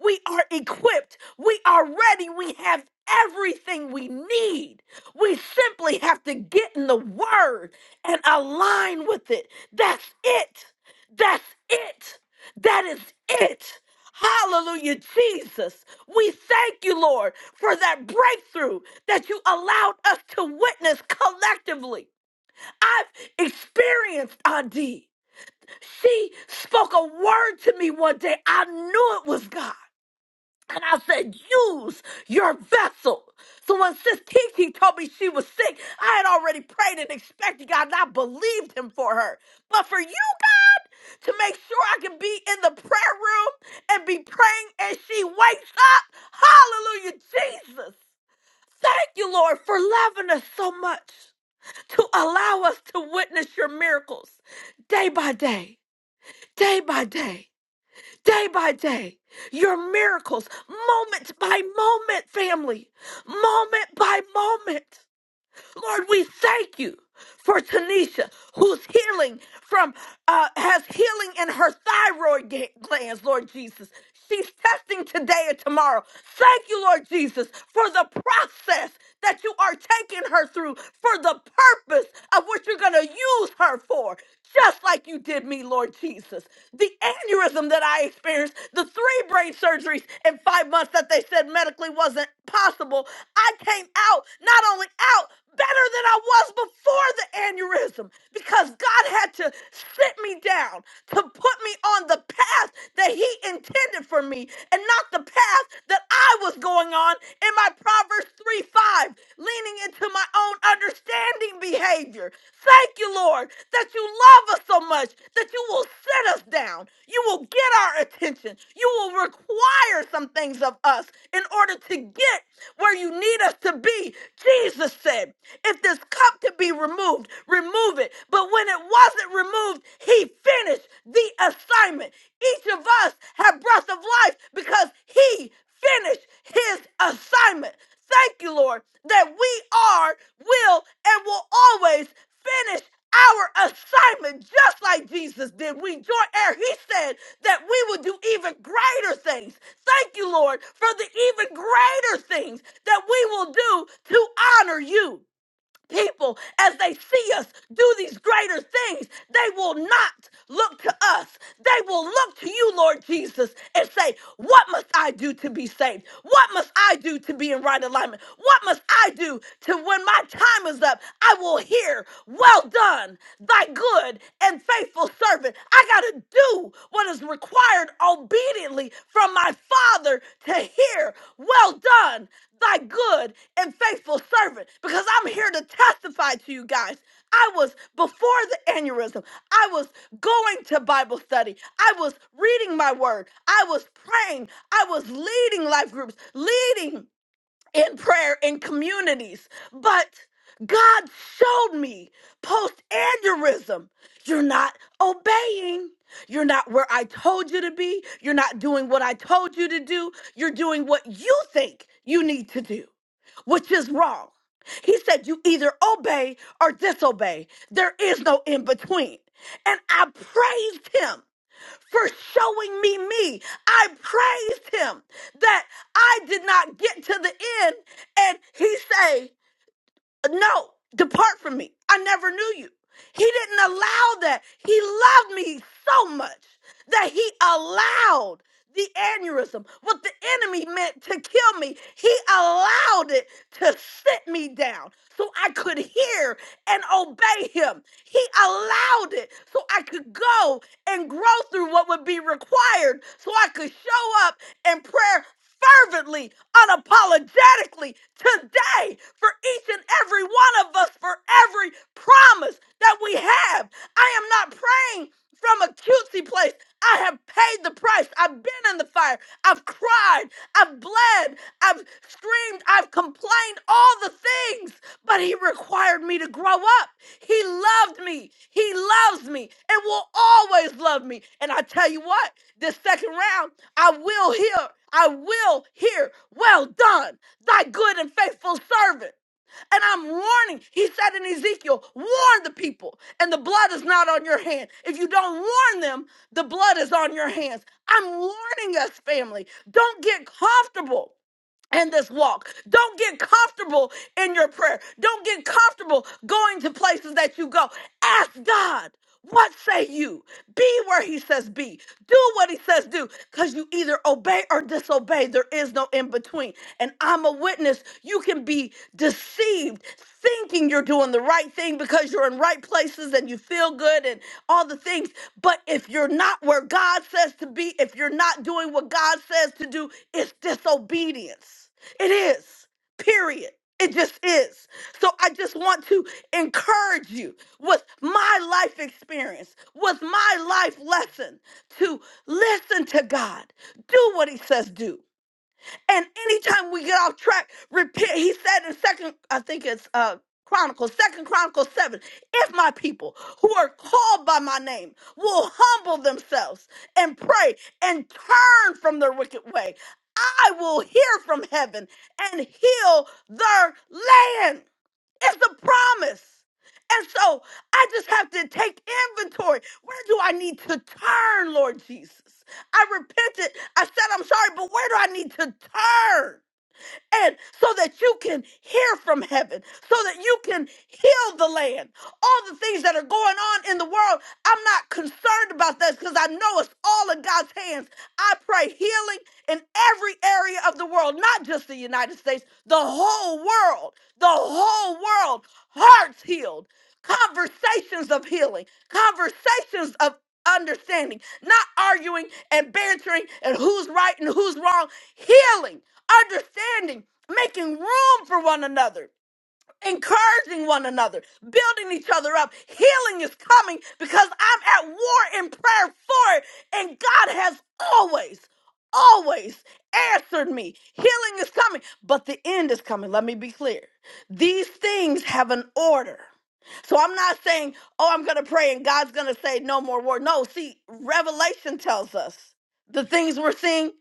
B: We are equipped. We are ready. We have everything we need. We simply have to get in the word and align with it. That's it. That's it. That is it. Hallelujah, Jesus. We thank you, Lord, for that breakthrough that you allowed us to witness collectively. I've experienced Adi. She spoke a word to me one day. I knew it was God. And I said, use your vessel. So when Sis Kiki told me she was sick, I had already prayed and expected God, and I believed him for her. But for you to make sure I can be in the prayer room and be praying as she wakes up, hallelujah, Jesus. Thank you, Lord, for loving us so much to allow us to witness your miracles day by day, day by day, day by day. Your miracles, moment by moment, family, moment by moment. Lord, we thank you for Tanisha, who's healing from, uh, has healing in her thyroid ga- glands, Lord Jesus. She's testing today and tomorrow. Thank you, Lord Jesus, for the process that you are taking her through, for the purpose of what you're going to use her for just like you did me, Lord Jesus. The aneurysm that I experienced, the three brain surgeries in five months that they said medically wasn't possible, I came out, not only out, better than I was before the aneurysm because God had to sit me down to put me on the path that He intended for me and not the path that I was going on in my Proverbs 3 5, leaning into my own understanding behavior. Thank you, Lord, that you love us so much that you will set us down. You will get our attention. You will require some things of us in order to get where you need us to be. Jesus said, If this cup could be removed, remove it. But when it wasn't removed, he finished the assignment. Each of us have breath of life because he finish his assignment. Thank you, Lord, that we are, will, and will always finish our assignment just like Jesus did. We join air. He said that we will do even greater things. Thank you, Lord, for the even greater things that we will do to honor you people, as they see us do these greater things, they will not look to us. They will look to you, Lord Jesus, and say, What must I do to be saved? What must I do to be in right alignment? What must I do to when my time is up? I will hear, Well done, thy good and faithful servant. I got to do what is required obediently from my Father to hear, Well done thy good and faithful servant because I'm here to testify to you guys. I was before the aneurysm, I was going to Bible study, I was reading my word, I was praying, I was leading life groups, leading in prayer in communities, but God showed me post aneurysm, you're not obeying. You're not where I told you to be. You're not doing what I told you to do. You're doing what you think you need to do, which is wrong. He said, You either obey or disobey. There is no in between. And I praised him for showing me me. I praised him that I did not get to the end and he say, "No, depart from me. I never knew you." He didn't allow that. He loved me so much that he allowed the aneurysm, what the enemy meant to kill me, he allowed it to sit me down so I could hear and obey him. He allowed it so I could go and grow through what would be required so I could show up in prayer fervently, unapologetically today for each and every one of us for every promise that we have. I am not praying from a cutesy place. I have paid the price. I've been in the fire. I've cried. I've bled. I've screamed, I've complained, all the things, but he required me to grow up. He loved me. He loves me and will always love me. And I tell you what, this second round, I will hear, I will hear, well done, thy good and faithful servant. And I'm warning, he said in Ezekiel, warn the people, and the blood is not on your hand. If you don't warn them, the blood is on your hands. I'm warning us, family. Don't get comfortable in this walk. Don't get comfortable in your prayer. Don't get comfortable going to places that you go. Ask God, what say you? Be where He says be. Do what He says do, because you either obey or disobey. There is no in between. And I'm a witness. You can be deceived thinking you're doing the right thing because you're in right places and you feel good and all the things. But if you're not where God says to be, if you're not doing what God says to do, it's disobedience. It is, period. It just is. So I just want to encourage you with my life experience, with my life lesson to listen to God, do what He says do. And anytime we get off track, repent. He said in second, I think it's uh Chronicles, second Chronicles 7, if my people who are called by my name will humble themselves and pray and turn from their wicked ways. I will hear from heaven and heal their land. It's a promise. And so I just have to take inventory. Where do I need to turn, Lord Jesus? I repented. I said, I'm sorry, but where do I need to turn? and so that you can hear from heaven, so that you can heal the land. All the things that are going on in the world, I'm not concerned about that because I know it's all in God's hands. I pray healing in every area of the world, not just the United States, the whole world, the whole world, hearts healed, conversations of healing, conversations of understanding, not arguing and bantering and who's right and who's wrong, healing understanding, making room for one another, encouraging one another, building each other up. Healing is coming because I'm at war in prayer for it, and God has always, always answered me. Healing is coming, but the end is coming. Let me be clear. These things have an order. So I'm not saying, oh, I'm going to pray and God's going to say no more war. No, see, Revelation tells us the things we're seeing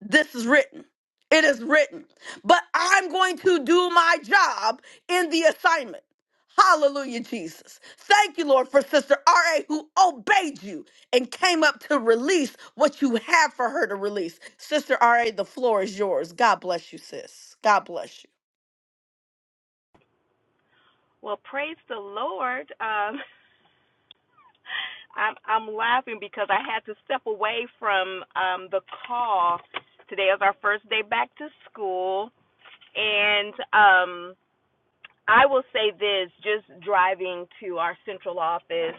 B: this is written. It is written. But I'm going to do my job in the assignment. Hallelujah, Jesus. Thank you, Lord, for Sister R.A., who obeyed you and came up to release what you have for her to release. Sister R.A., the floor is yours. God bless you, sis. God bless you.
C: Well, praise the Lord. Um, I'm, I'm laughing because I had to step away from um, the call. Today is our first day back to school. And um, I will say this just driving to our central office,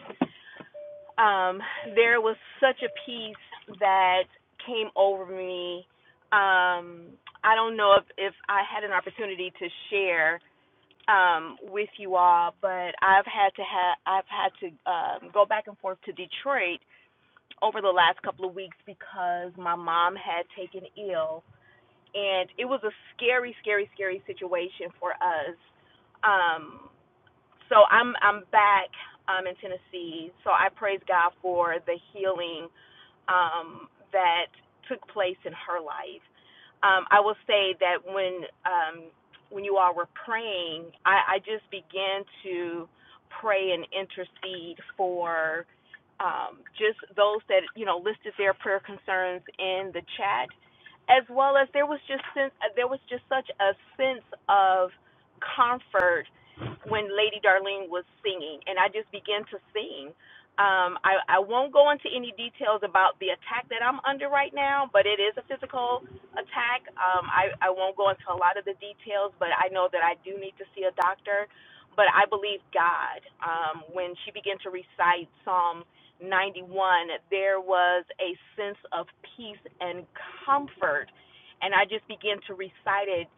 C: um, there was such a peace that came over me. Um, I don't know if, if I had an opportunity to share um with you all but i've had to have i've had to um go back and forth to detroit over the last couple of weeks because my mom had taken ill and it was a scary scary scary situation for us um so i'm i'm back um in tennessee so i praise god for the healing um, that took place in her life. Um, I will say that when um, when you all were praying, I, I just began to pray and intercede for um, just those that you know listed their prayer concerns in the chat, as well as there was just sense, there was just such a sense of comfort when Lady Darlene was singing, and I just began to sing um, I, I won't go into any details about the attack that I'm under right now, but it is a physical attack. Um, I, I won't go into a lot of the details, but I know that I do need to see a doctor. But I believe God. Um, when she began to recite Psalm 91, there was a sense of peace and comfort. And I just began to recite it,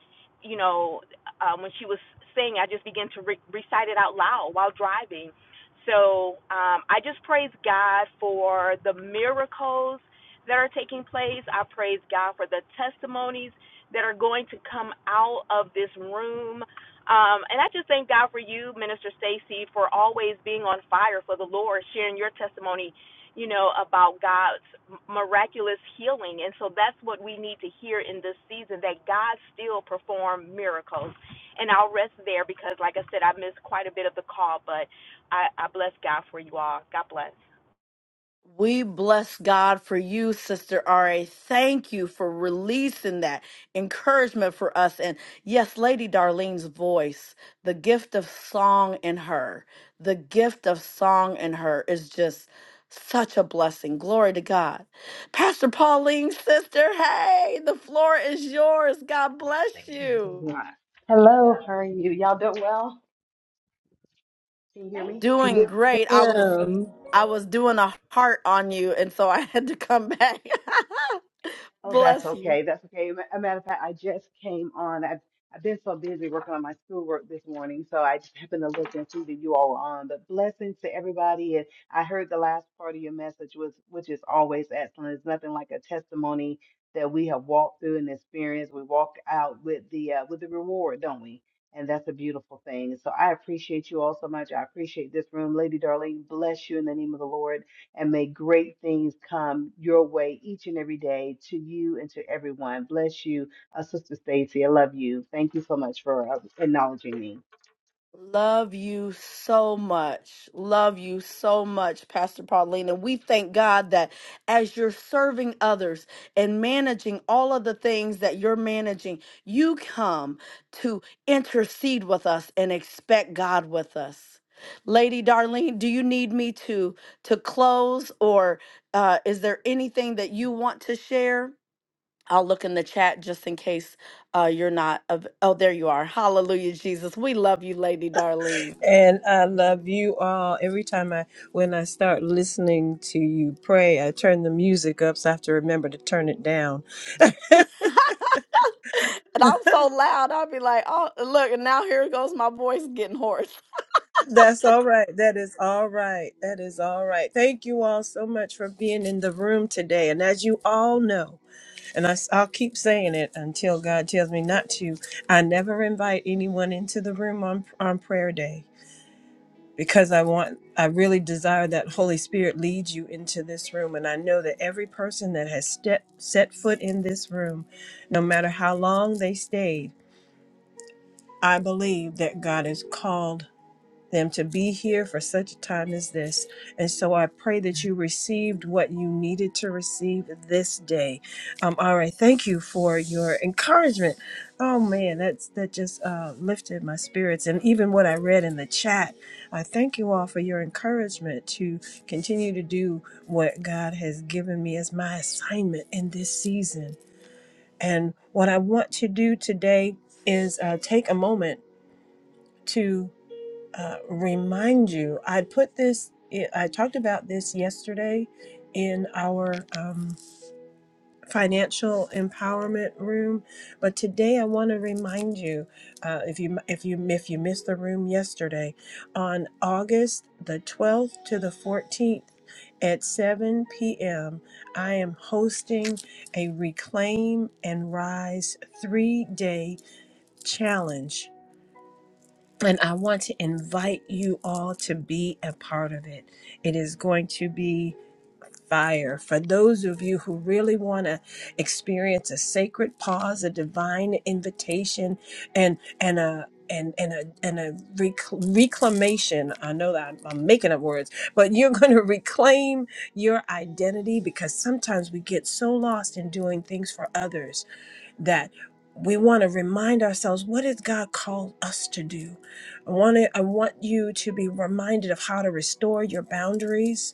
C: you know, um, when she was saying, I just began to re- recite it out loud while driving so um, I just praise God for the miracles that are taking place. I praise God for the testimonies that are going to come out of this room. Um, and I just thank God for you, Minister Stacy, for always being on fire for the Lord, sharing your testimony, you know, about God's miraculous healing. And so that's what we need to hear in this season that God still perform miracles. And I'll rest there because, like I said, I missed quite a bit of the call, but. I, I bless God for you all. God bless.
B: We bless God for you, Sister RA. Thank you for releasing that encouragement for us. And yes, Lady Darlene's voice, the gift of song in her, the gift of song in her is just such a blessing. Glory to God. Pastor Pauline's sister, hey, the floor is yours. God bless you.
D: Right. Hello, how are you? Y'all doing well? Can you hear me?
B: Doing great. I was
A: Ma'am.
B: I was doing a heart on you, and so I had to come back.
D: Oh, that's
B: bless you.
D: okay. That's okay. Ma- A matter of fact, I just came on. I've I've been so busy working on my schoolwork this morning, so I just happened to look and see that you all were on. But blessings to everybody, and I heard the last part of your message was, which is always excellent. It's nothing like a testimony that we have walked through and experienced. We walk out with the uh, with the reward, don't we? And that's a beautiful thing. So I appreciate you all so much. I appreciate this room, Lady Darling. Bless you in the name of the Lord. and may great things come your way each and every day to you and to everyone. Bless you. Uh, Sister Stacy, I love you. Thank you so much for uh, acknowledging me.
B: Love you so much. Love you so much, Pastor Paulina. We thank God that as you're serving others and managing all of the things that you're managing, you come to intercede with us and expect God with us. Lady Darlene, do you need me to to close or uh, is there anything that you want to share? I'll look in the chat just in case uh, you're not. Av- oh, there you are. Hallelujah, Jesus. We love you, Lady Darlene.
A: And I love you all. Every time I, when I start listening to you pray, I turn the music up so I have to remember to turn it down.
B: and I'm so loud, I'll be like, oh, look, and now here goes my voice getting hoarse.
A: That's all right. That is all right. That is all right. Thank you all so much for being in the room today. And as you all know, and I, will keep saying it until God tells me not to, I never invite anyone into the room on, on prayer day. because I want, I really desire that Holy Spirit leads you into this room. And I know that every person that has step, set foot in this room, no matter how long they stayed, I believe that God has called them to be here for such a time as this. And so I pray that you received what you needed to receive this day. Um, all right, thank you for your encouragement. Oh man, that's that just uh, lifted my spirits, and even what I read in the chat. I thank you all for your encouragement to continue to do what God has given me as my assignment in this season. And what I want to do today is uh, take a moment to uh, remind you, I put this, I talked about this yesterday in our um, financial empowerment room, but today I want to remind you, uh, if you if you if you missed the room yesterday, on August the 12th to the 14th at 7 p.m., I am hosting a Reclaim and Rise three day challenge and I want to invite you all to be a part of it. It is going to be fire. For those of you who really want to experience a sacred pause, a divine invitation, and and a and, and a and a rec- reclamation. I know that I'm, I'm making up words, but you're going to reclaim your identity because sometimes we get so lost in doing things for others that we want to remind ourselves what has God called us to do. I want to, I want you to be reminded of how to restore your boundaries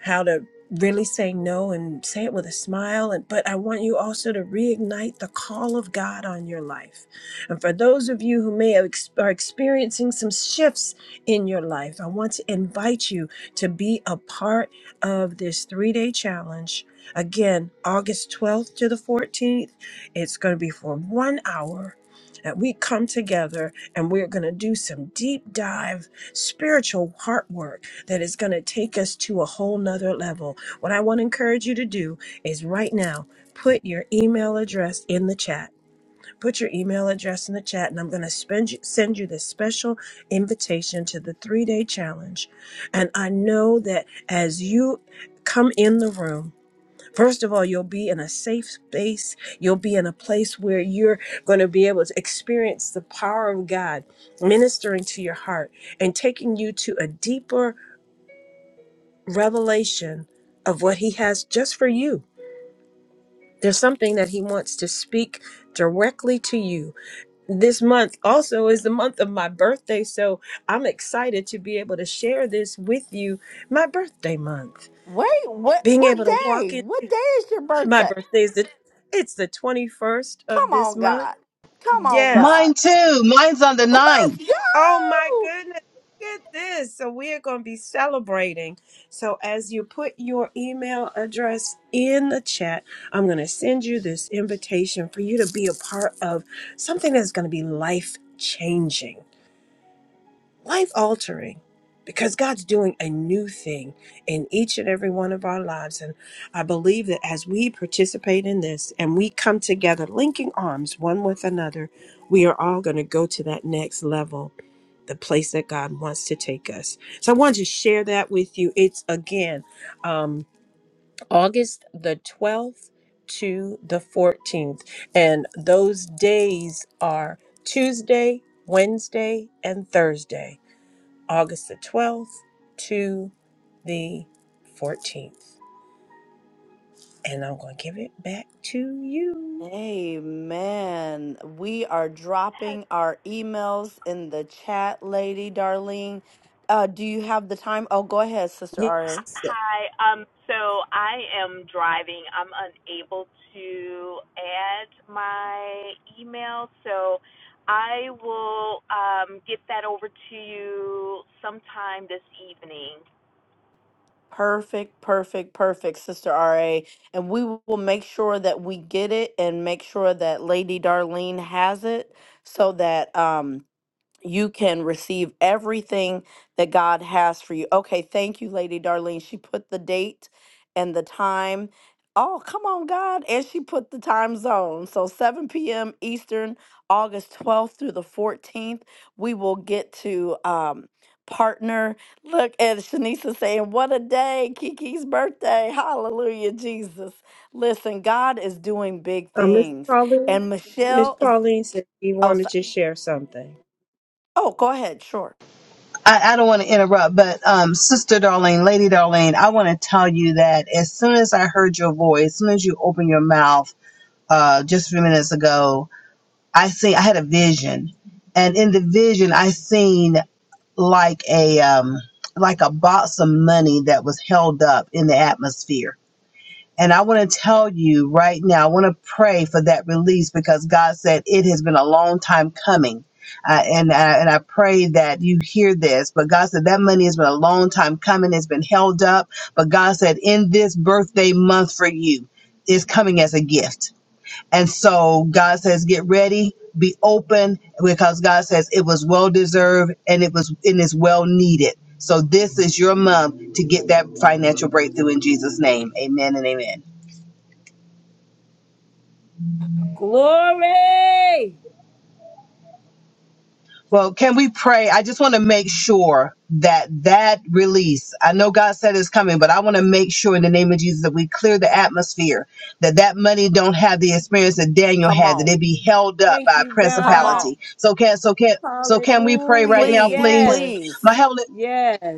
A: how to really say no and say it with a smile and but I want you also to reignite the call of God on your life. And for those of you who may have ex- are experiencing some shifts in your life, I want to invite you to be a part of this 3-day challenge. Again, August 12th to the 14th. It's going to be for 1 hour. that we come together and we're going to do some deep dive spiritual heart work that is going to take us to a whole nother level. What I want to encourage you to do is right now put your email address in the chat. Put your email address in the chat, and I'm going to spend you, send you this special invitation to the three day challenge. And I know that as you come in the room, First of all, you'll be in a safe space. You'll be in a place where you're going to be able to experience the power of God ministering to your heart and taking you to a deeper revelation of what He has just for you. There's something that He wants to speak directly to you. This month also is the month of my birthday, so I'm excited to be able to share this with you my birthday month.
B: Wait, what
A: Being
B: what
A: able to
B: day?
A: walk in
B: What day is your
A: My
B: birthday?
A: birthday is the it's the 21st of
B: Come
A: this
B: on,
A: month.
B: God. Come on,
A: Yes.
B: God.
D: Mine too. Mine's on the ninth.
B: Let's
A: Oh my
B: go.
A: goodness. Look at this. So we are going to be celebrating. So as you put your email address in the chat, I'm going to send you this invitation for you to be a part of something that's going to be life changing. life altering because God's doing a new thing in each and every one of our lives. And I believe that as we participate in this and we come together, linking arms one with another, we are all going to go to that next level, the place that God wants to take us. So I wanted to share that with you. It's again um, August the 12th to the 14th. And those days are Tuesday, Wednesday, and Thursday. August the 12th to the 14th. And I'm going to give it back to you.
B: Amen. We are dropping our emails in the chat, lady Darlene. Uh, do you have the time? Oh, go ahead, Sister RA.
A: Yes.
C: Hi. Um, so I am driving. I'm unable to add my email, so I will um, get that over to you sometime this evening.
B: Perfect, perfect, perfect, Sister RA. And we will make sure that we get it and make sure that Lady Darlene has it so that um you can receive everything that God has for you. Okay, thank you, Lady Darlene. She put the date and the time. Oh, come on, God. And she put the time zone. So 7 p.m. Eastern, August 12th through the 14th, we will get to um, partner. Look at Shanisa saying, What a day, Kiki's birthday. Hallelujah, Jesus. Listen, God is doing big
A: Uh, Miss
B: things.
A: Pauline.
B: And
A: Miss
B: Michelle is,
A: Pauline said she
B: oh,
A: wanted to
B: sorry.
A: share something.
B: Oh, go ahead. Sure.
D: I, I don't want to interrupt, but um, Sister Darlene, Lady Darlene, I want to tell you that as soon as I heard your voice, as soon as you opened your mouth uh, just a few minutes ago, I see I had a vision, and in the vision, I seen. like a um like a box of money that was held up in the atmosphere. And I want to tell you right now, I want to pray for that release because God said it has been a long time coming. Uh, and I, and I pray that you hear this, but God said that money has been a long time coming. It's been held up, but God said in this birthday month for you, it's coming as a gift and so God says, get ready, be open, because God says it was well deserved and it was and is well needed. So this is your month to get that financial breakthrough in Jesus' name. Amen and amen.
A: Glory!
D: Well, can we pray? I just want to make sure that that release, I know God said it's coming, but I want to make sure in the name of Jesus that we clear the atmosphere, that that money don't have the experience that Daniel
B: Come
D: had, that
B: on.
D: it be held up
A: Thank
D: by a
A: you,
B: Come
A: God.
B: on.
D: principality. So can, so can, so can we pray right
A: Hallelujah.
D: now,
B: Please,
D: please?
B: please.
A: Yes.
D: my heavenly?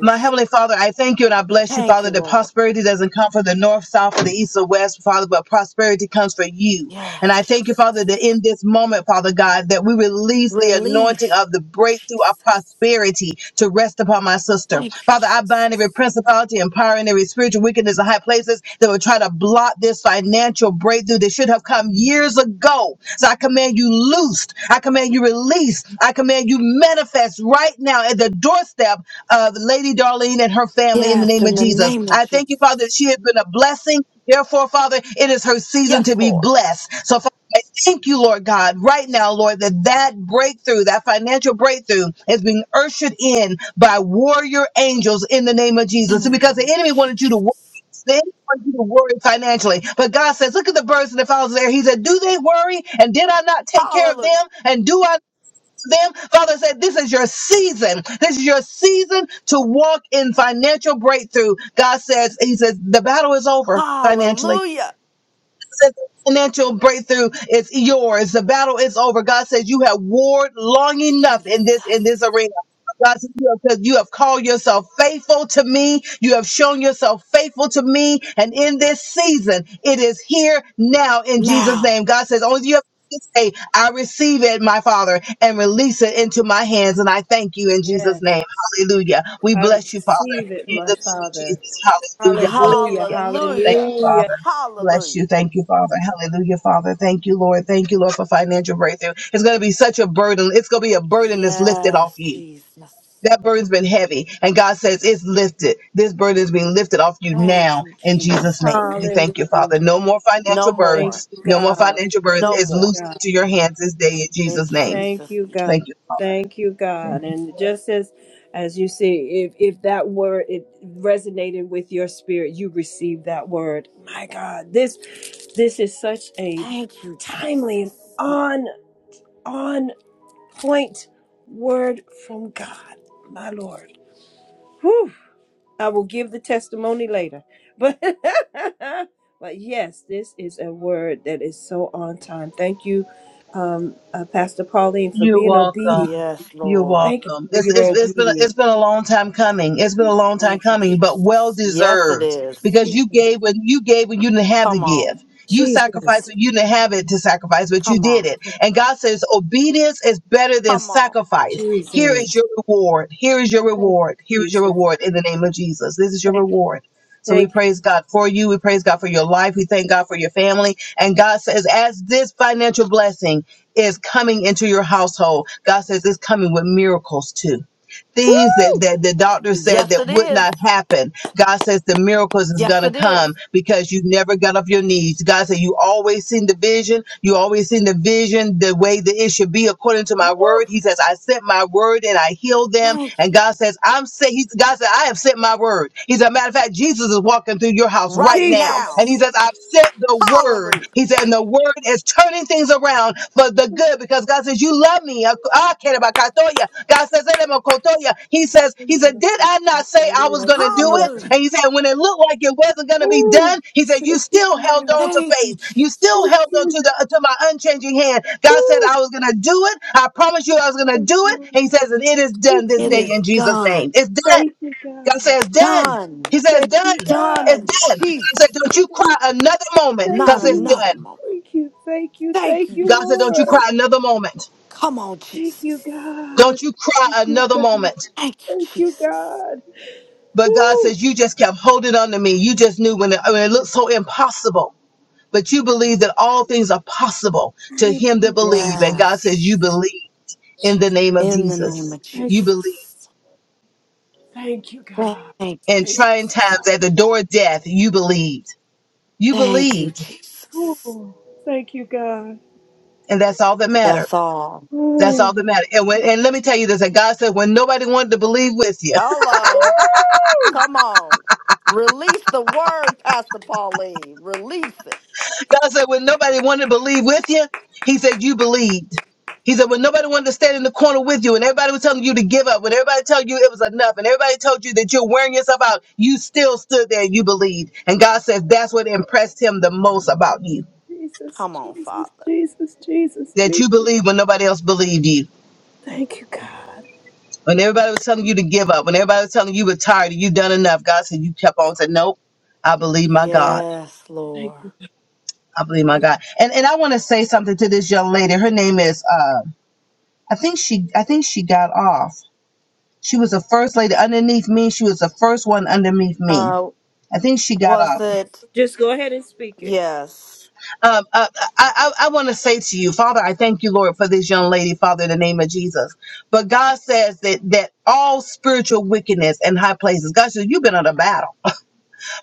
D: My Heavenly Father, I thank you and I bless you,
B: Thank
D: Father,
B: you,
D: that
B: Lord.
D: prosperity doesn't come from the north, south, or the east or west, Father, but prosperity comes from you. And
B: Yes,
D: I thank you, Father, that
B: Jesus.
D: in this moment, Father God, that we release the anointing
B: Release,
D: of the breakthrough of
B: Jesus.
D: prosperity to rest upon my sister.
B: Thank you,
D: Father, I bind every
B: Jesus.
D: principality and power and every spiritual wickedness in high places that would try to block this financial breakthrough that should have come years ago. So I command you loosed. I command you released. I command you manifest right now at the doorstep of Lady Darlene and her family in the
B: Yes,
D: name of
B: in the
D: Jesus.
B: name of
D: I thank you, Father, that she
B: Jesus.
D: has been a blessing. Therefore, Father, it is her season
B: Yes,
D: to be
B: Lord.
D: blessed. So, Father, I thank you, Lord God, right now, Lord, that that breakthrough, that financial breakthrough is being ushered in by warrior angels in the name of
B: In
D: Jesus.
B: the
D: Because
B: name
D: the
B: of
D: enemy wanted you to worry.
B: Jesus.
D: The enemy wanted you to worry financially. But God says, look at the birds and the fowls there. He said, do they worry? And did I not take care of them?
B: Hallelujah.
D: And do I them. Father said, This is your season. This is your season to walk in financial breakthrough. God says, He says, the battle is over financially
B: Hallelujah.
D: says financial breakthrough is yours. The battle is over. God says you have warred long enough in this in
B: Jesus.
D: this arena. God says you have, you have called yourself faithful to me. You have shown yourself faithful to me. And in this season, it is here now in Jesus'
B: Now.
D: name. God says, only you have to say, I receive it, my Father, and release it into my hands. And I thank you in Jesus'
A: Yes.
D: name. Hallelujah. We
A: I
D: bless you, Father.
A: receive it,
D: In
A: my
D: the name of
A: Father.
D: Jesus. Hallelujah.
A: Hallelujah.
D: Hallelujah. Thank you,
B: Hallelujah.
D: Father.
A: Hallelujah.
D: Bless
B: Hallelujah.
D: you. Thank you, Father. Hallelujah, Father. Thank you, Lord. Thank you, Lord, for financial breakthrough. It's going to be such a burden. It's going to be a burden that's lifted off
B: Yes,
D: you.
B: Jesus.
D: That burden's been heavy, and God says it's lifted. This burden is being lifted off you
B: Thank
D: now
B: you,
D: in Jesus' name.
B: Jesus.
D: We thank you, Father.
A: Hallelujah.
D: No more
B: No
D: financial
A: Thank
B: more.
D: burdens.
A: you,
D: No more
A: God.
D: financial burdens.
B: No
A: Thank
D: It's
A: you,
B: more.
D: loose
A: God.
D: to your hands this day in
B: In
D: Jesus' name.
A: Thank
B: Jesus'
A: you,
B: name.
A: God.
D: Thank you, Father.
A: Thank you,
D: Thank
A: God.
D: you.
A: And just as as you see, if if that word it resonated with your spirit, you received that word. My God, this this is such a
B: Thank you, Jesus.
A: timely and on on point word from God, my Lord. Whew. I will give the testimony later, but but yes, this is a word that is so on time. Thank you, um, uh, Pastor Pauline, for
D: You're
A: being obedient
D: welcome.
B: Yes,
D: You're
B: Lord.
A: Thank you
D: welcome.
A: for
D: It's,
A: your
D: it's, it's been a-
A: obedience.
D: it's been a long time coming. It's been a long time
B: Thank you,
D: coming, but well
B: Jesus. Yes, it
D: deserved
B: is.
D: because
A: Je-
D: you gave when you gave when you didn't have to
B: Come on.
D: give. You sacrificed
A: Jesus.
D: when you didn't have it to sacrifice, but you
B: Come
D: did
B: on.
D: it. And God says obedience is better than
B: Come on.
D: sacrifice. Here
A: Jesus.
D: is your reward. Here is your
A: Thank you,
D: reward. Here is your
A: Jesus.
D: reward in the name of Jesus. This is your
A: Thank you.
D: reward. So we
A: Thank you.
D: praise God for you. We praise God for your life. We thank God for your family. And God says, as this financial blessing is coming into your household. God says it's coming with miracles too. Things that,
A: Woo!
D: that the doctor said
B: Yes,
D: that
B: it
D: would
B: is.
D: not happen. God says the miracles is going
B: Yes,
D: to
B: it is.
D: come because you never got off your knees. God said you always seen the vision. You always seen the vision the way that it should be according to
B: Woo.
D: my word. He says, I sent my word and I healed them.
B: Thank
D: And God says, I'm saying, God said, I have sent my word. He said, matter of fact, Jesus is walking through your
B: you.
D: house right
B: Right
D: now. And
B: now.
D: he
A: Jesus.
D: says, I've sent the word.
B: Hallelujah.
D: He said, and the word is turning things around for the good because God says, you love me. I care about Katoya. God says, "Elemokotoya." He says, He
A: Ooh,
D: said, Did
A: thank
D: I not say I was gonna do it?
A: you,
B: Hallelujah.
D: And he said, when it looked like it wasn't gonna be done, he said, You still held
A: God.
D: on to
B: Thank you,
D: faith. You still
A: Thank
B: Jesus.
D: held on
A: you.
D: to the to my unchanging hand. God said,
A: Ooh,
D: I was gonna do it. I promised you I was gonna
A: thank you. Thank
D: do it.
A: you.
D: And he says, and it is done this
B: It
D: day
B: is
D: in Jesus' name.
B: done.
D: It's done.
A: Thank you,
D: God
A: God.
D: says, done.
B: Done.
D: He says,
A: Thank you,
D: done.
B: Done
D: It's
A: God.
B: in
D: done. God said,
B: Jesus'
D: Don't you
B: name.
D: cry another moment,
A: Thank
B: Not
D: because it's
A: you. Thank you.
B: another
D: done.
B: moment.
A: Thank you.
B: Thank
A: Thank
B: you,
A: you,
D: God said, Don't you
A: Lord.
D: cry
B: Jesus.
D: another moment.
B: Come on,
A: Thank you,
B: Jesus.
A: God.
D: Don't you cry
A: Thank you,
D: another
A: God.
D: moment.
B: Thank
A: Thank
B: you,
A: you,
B: Jesus.
A: God.
D: But God
A: Woo!
D: says, You just kept holding on to me. You just knew when it, when it looked so impossible. But you believe that all things are possible to
A: Thank
D: him
A: you.
D: that believe. And
B: Yes.
D: God says, You believe in the
A: Jesus.
D: name of
B: In the name
D: Jesus.
B: of
A: Thank
D: You
A: you.
D: believe.
B: Jesus.
A: Thank you,
B: Thank
A: God.
B: you.
D: In
A: Thank you.
B: Je-
D: trying times
A: God.
D: at the door of death, you believed. You
B: Thank you,
D: believed.
B: Jesus.
A: Ooh. Thank you, God.
D: And that's all that mattered.
B: That's all.
D: That's all that
A: Ooh.
D: mattered. And when, and let me tell you this, that God said, when nobody wanted to believe with you,
B: Hello.
A: Woo!
B: Come on. Release the word, Pastor Pauline. Release it.
D: God said, when nobody wanted to believe with you, He said, you believed. He said, when nobody wanted to stand in the corner with you and everybody was telling you to give up, when everybody told you it was enough and everybody told you that you're wearing yourself out, you still stood there and you believed. And God says that's what impressed Him the most about you
A: Jesus,
B: Come on,
A: Jesus,
B: Father.
A: Jesus, Jesus,
D: that you
A: Jesus.
D: believed when nobody else believed you.
A: Thank you, God.
D: When everybody was telling you to give up, when everybody was telling you you were tired, you've done enough, God said, you kept on saying, nope, I believe my God.
B: Yes,
A: Thank you.
B: Lord.
D: I believe my God. And and I want to say something to this young lady. Her name is. uh I think she I think she got off. She was the first lady underneath me. She was the first one underneath me.
B: Uh,
D: I think she got
B: was
D: off.
B: it?
A: Just go ahead and speak it.
B: Yes.
D: Um, uh, I, I, I want to say to you, Father, I thank you, Lord, for this young lady, Father, in the name of Jesus. But God says that that all spiritual wickedness in high places, God says, you've been on a battle.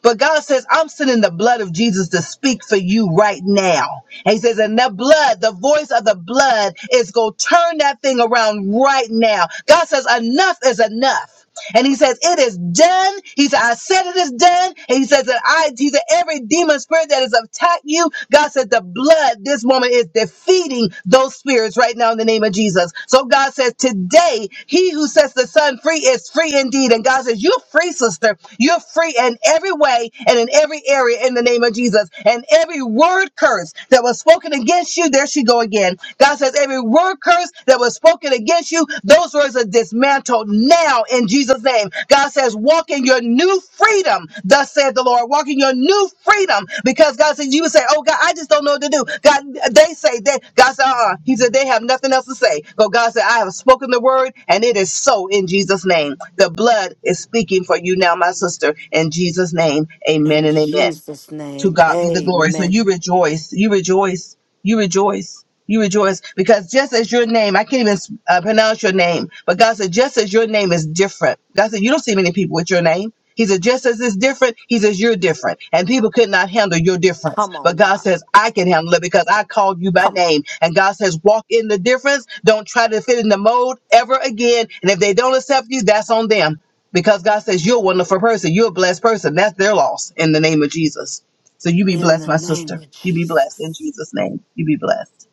D: But God says, I'm sending the blood of Jesus to speak for you right now. And he says, and that blood, the voice of the blood is going to turn that thing around right now. God says, enough is enough. And he says, It is done. He said, I said it is done. And he says that I he said, every demon spirit that has attacked you, God said the blood this woman is defeating those spirits right now in the name of Jesus. So God says, Today, he who sets the son free is free indeed. And God says, You're free, sister. You're free in every way and in every area in the name of Jesus. And every word curse that was spoken against you, there she go again. God God says, every word curse that was spoken against you, those words are dismantled now in Jesus' name. God says, walk in your new freedom, thus said the Lord. Walk in your new freedom because God says, you would say, oh God, I just don't know what to do. God, they say that. God said, uh-uh. He said, they have nothing else to say. But God said, I have spoken the word and it is so in Jesus' name. The blood is speaking for you now, my sister, in Jesus' name. Amen
B: In
D: and amen.
B: Jesus'
D: To
B: name.
D: God be the glory. So
B: Amen.
D: you rejoice. You rejoice. You rejoice. You rejoice because just as your name, I can't even uh, pronounce your name, but God said, just as your name is different. God said, you don't see many people with your name. He said, just as it's different, he says, you're different. And people could not handle your difference.
B: Come
D: But
B: on,
D: God
B: God.
D: says, I can handle it because I called you by
B: Come on.
D: name. And God says, walk in the difference. Don't try to fit in the mold ever again. And if they don't accept you, that's on them. Because God says, you're a wonderful person. You're a blessed person. That's their loss in the name of Jesus. So you be
B: In
D: blessed,
B: the
D: my
B: name
D: sister.
B: of
D: You be blessed in
B: Jesus.
D: Jesus' name. You be blessed.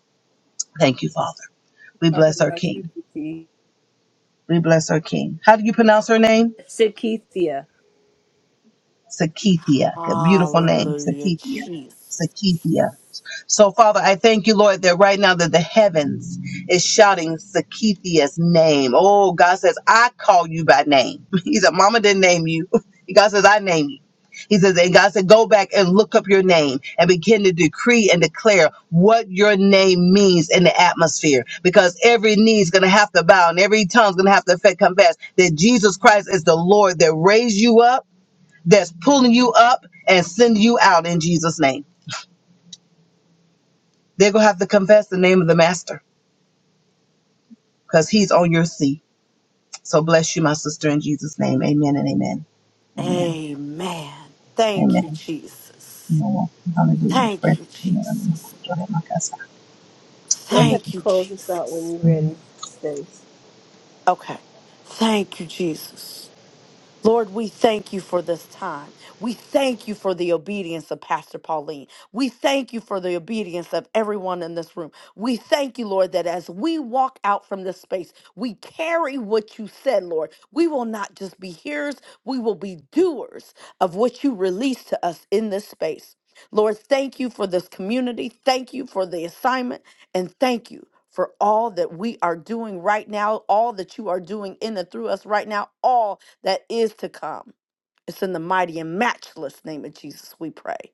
D: Thank you, Father. We
A: Talking
D: bless our
A: about you,
D: King.
A: Keith.
D: We bless our King. How do you pronounce her name?
A: Sakithia.
D: Sakethia. A beautiful name.
B: Hallelujah,
D: Sakethia.
B: Jesus.
D: Sakethia. So, Father, I thank you, Lord, that right now that the heavens is shouting Sakithia's name. Oh, God says, I call you by name. He said, Mama didn't name you. God says, I name you. He says, and God said, go back and look up your name and begin to decree and declare what your name means in the atmosphere. Because every knee is going to have to bow and every tongue is going to have to fe- confess that Jesus Christ is the Lord that raised you up, that's pulling you up and sending you out in Jesus' name. They're going to have to confess the name of the master because he's on your seat. So bless you, my sister, in Jesus' name. Amen and amen. Amen.
B: Amen. Thank you,
D: Amen. You
B: Jesus.
D: know, Hallelujah.
B: Thank
D: Praise
B: you, Jesus.
D: the
A: Go ahead
D: Lord.
B: Thank
A: and
B: you,
A: close us out when
B: Jesus.
A: you're ready, Stace.
B: Okay. Thank you, Jesus. Lord, we thank you for this time. We thank you for the obedience of Pastor Pauline. We thank you for the obedience of everyone in this room. We thank you, Lord, that as we walk out from this space, we carry what you said, Lord. We will not just be hearers, we will be doers of what you release to us in this space. Lord, thank you for this community. Thank you for the assignment. And thank you for all that we are doing right now, all that you are doing in and through us right now, all that is to come. It's in the mighty and matchless name of Jesus we pray.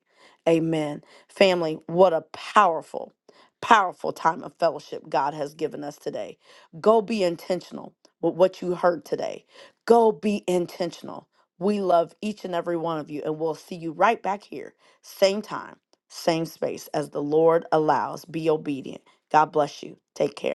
B: Amen. Family, what a powerful, powerful time of fellowship God has given us today. Go be intentional with what you heard today. Go be intentional. We love each and every one of you, and we'll see you right back here, same time, same space, as the Lord allows. Be obedient. God bless you. Take care.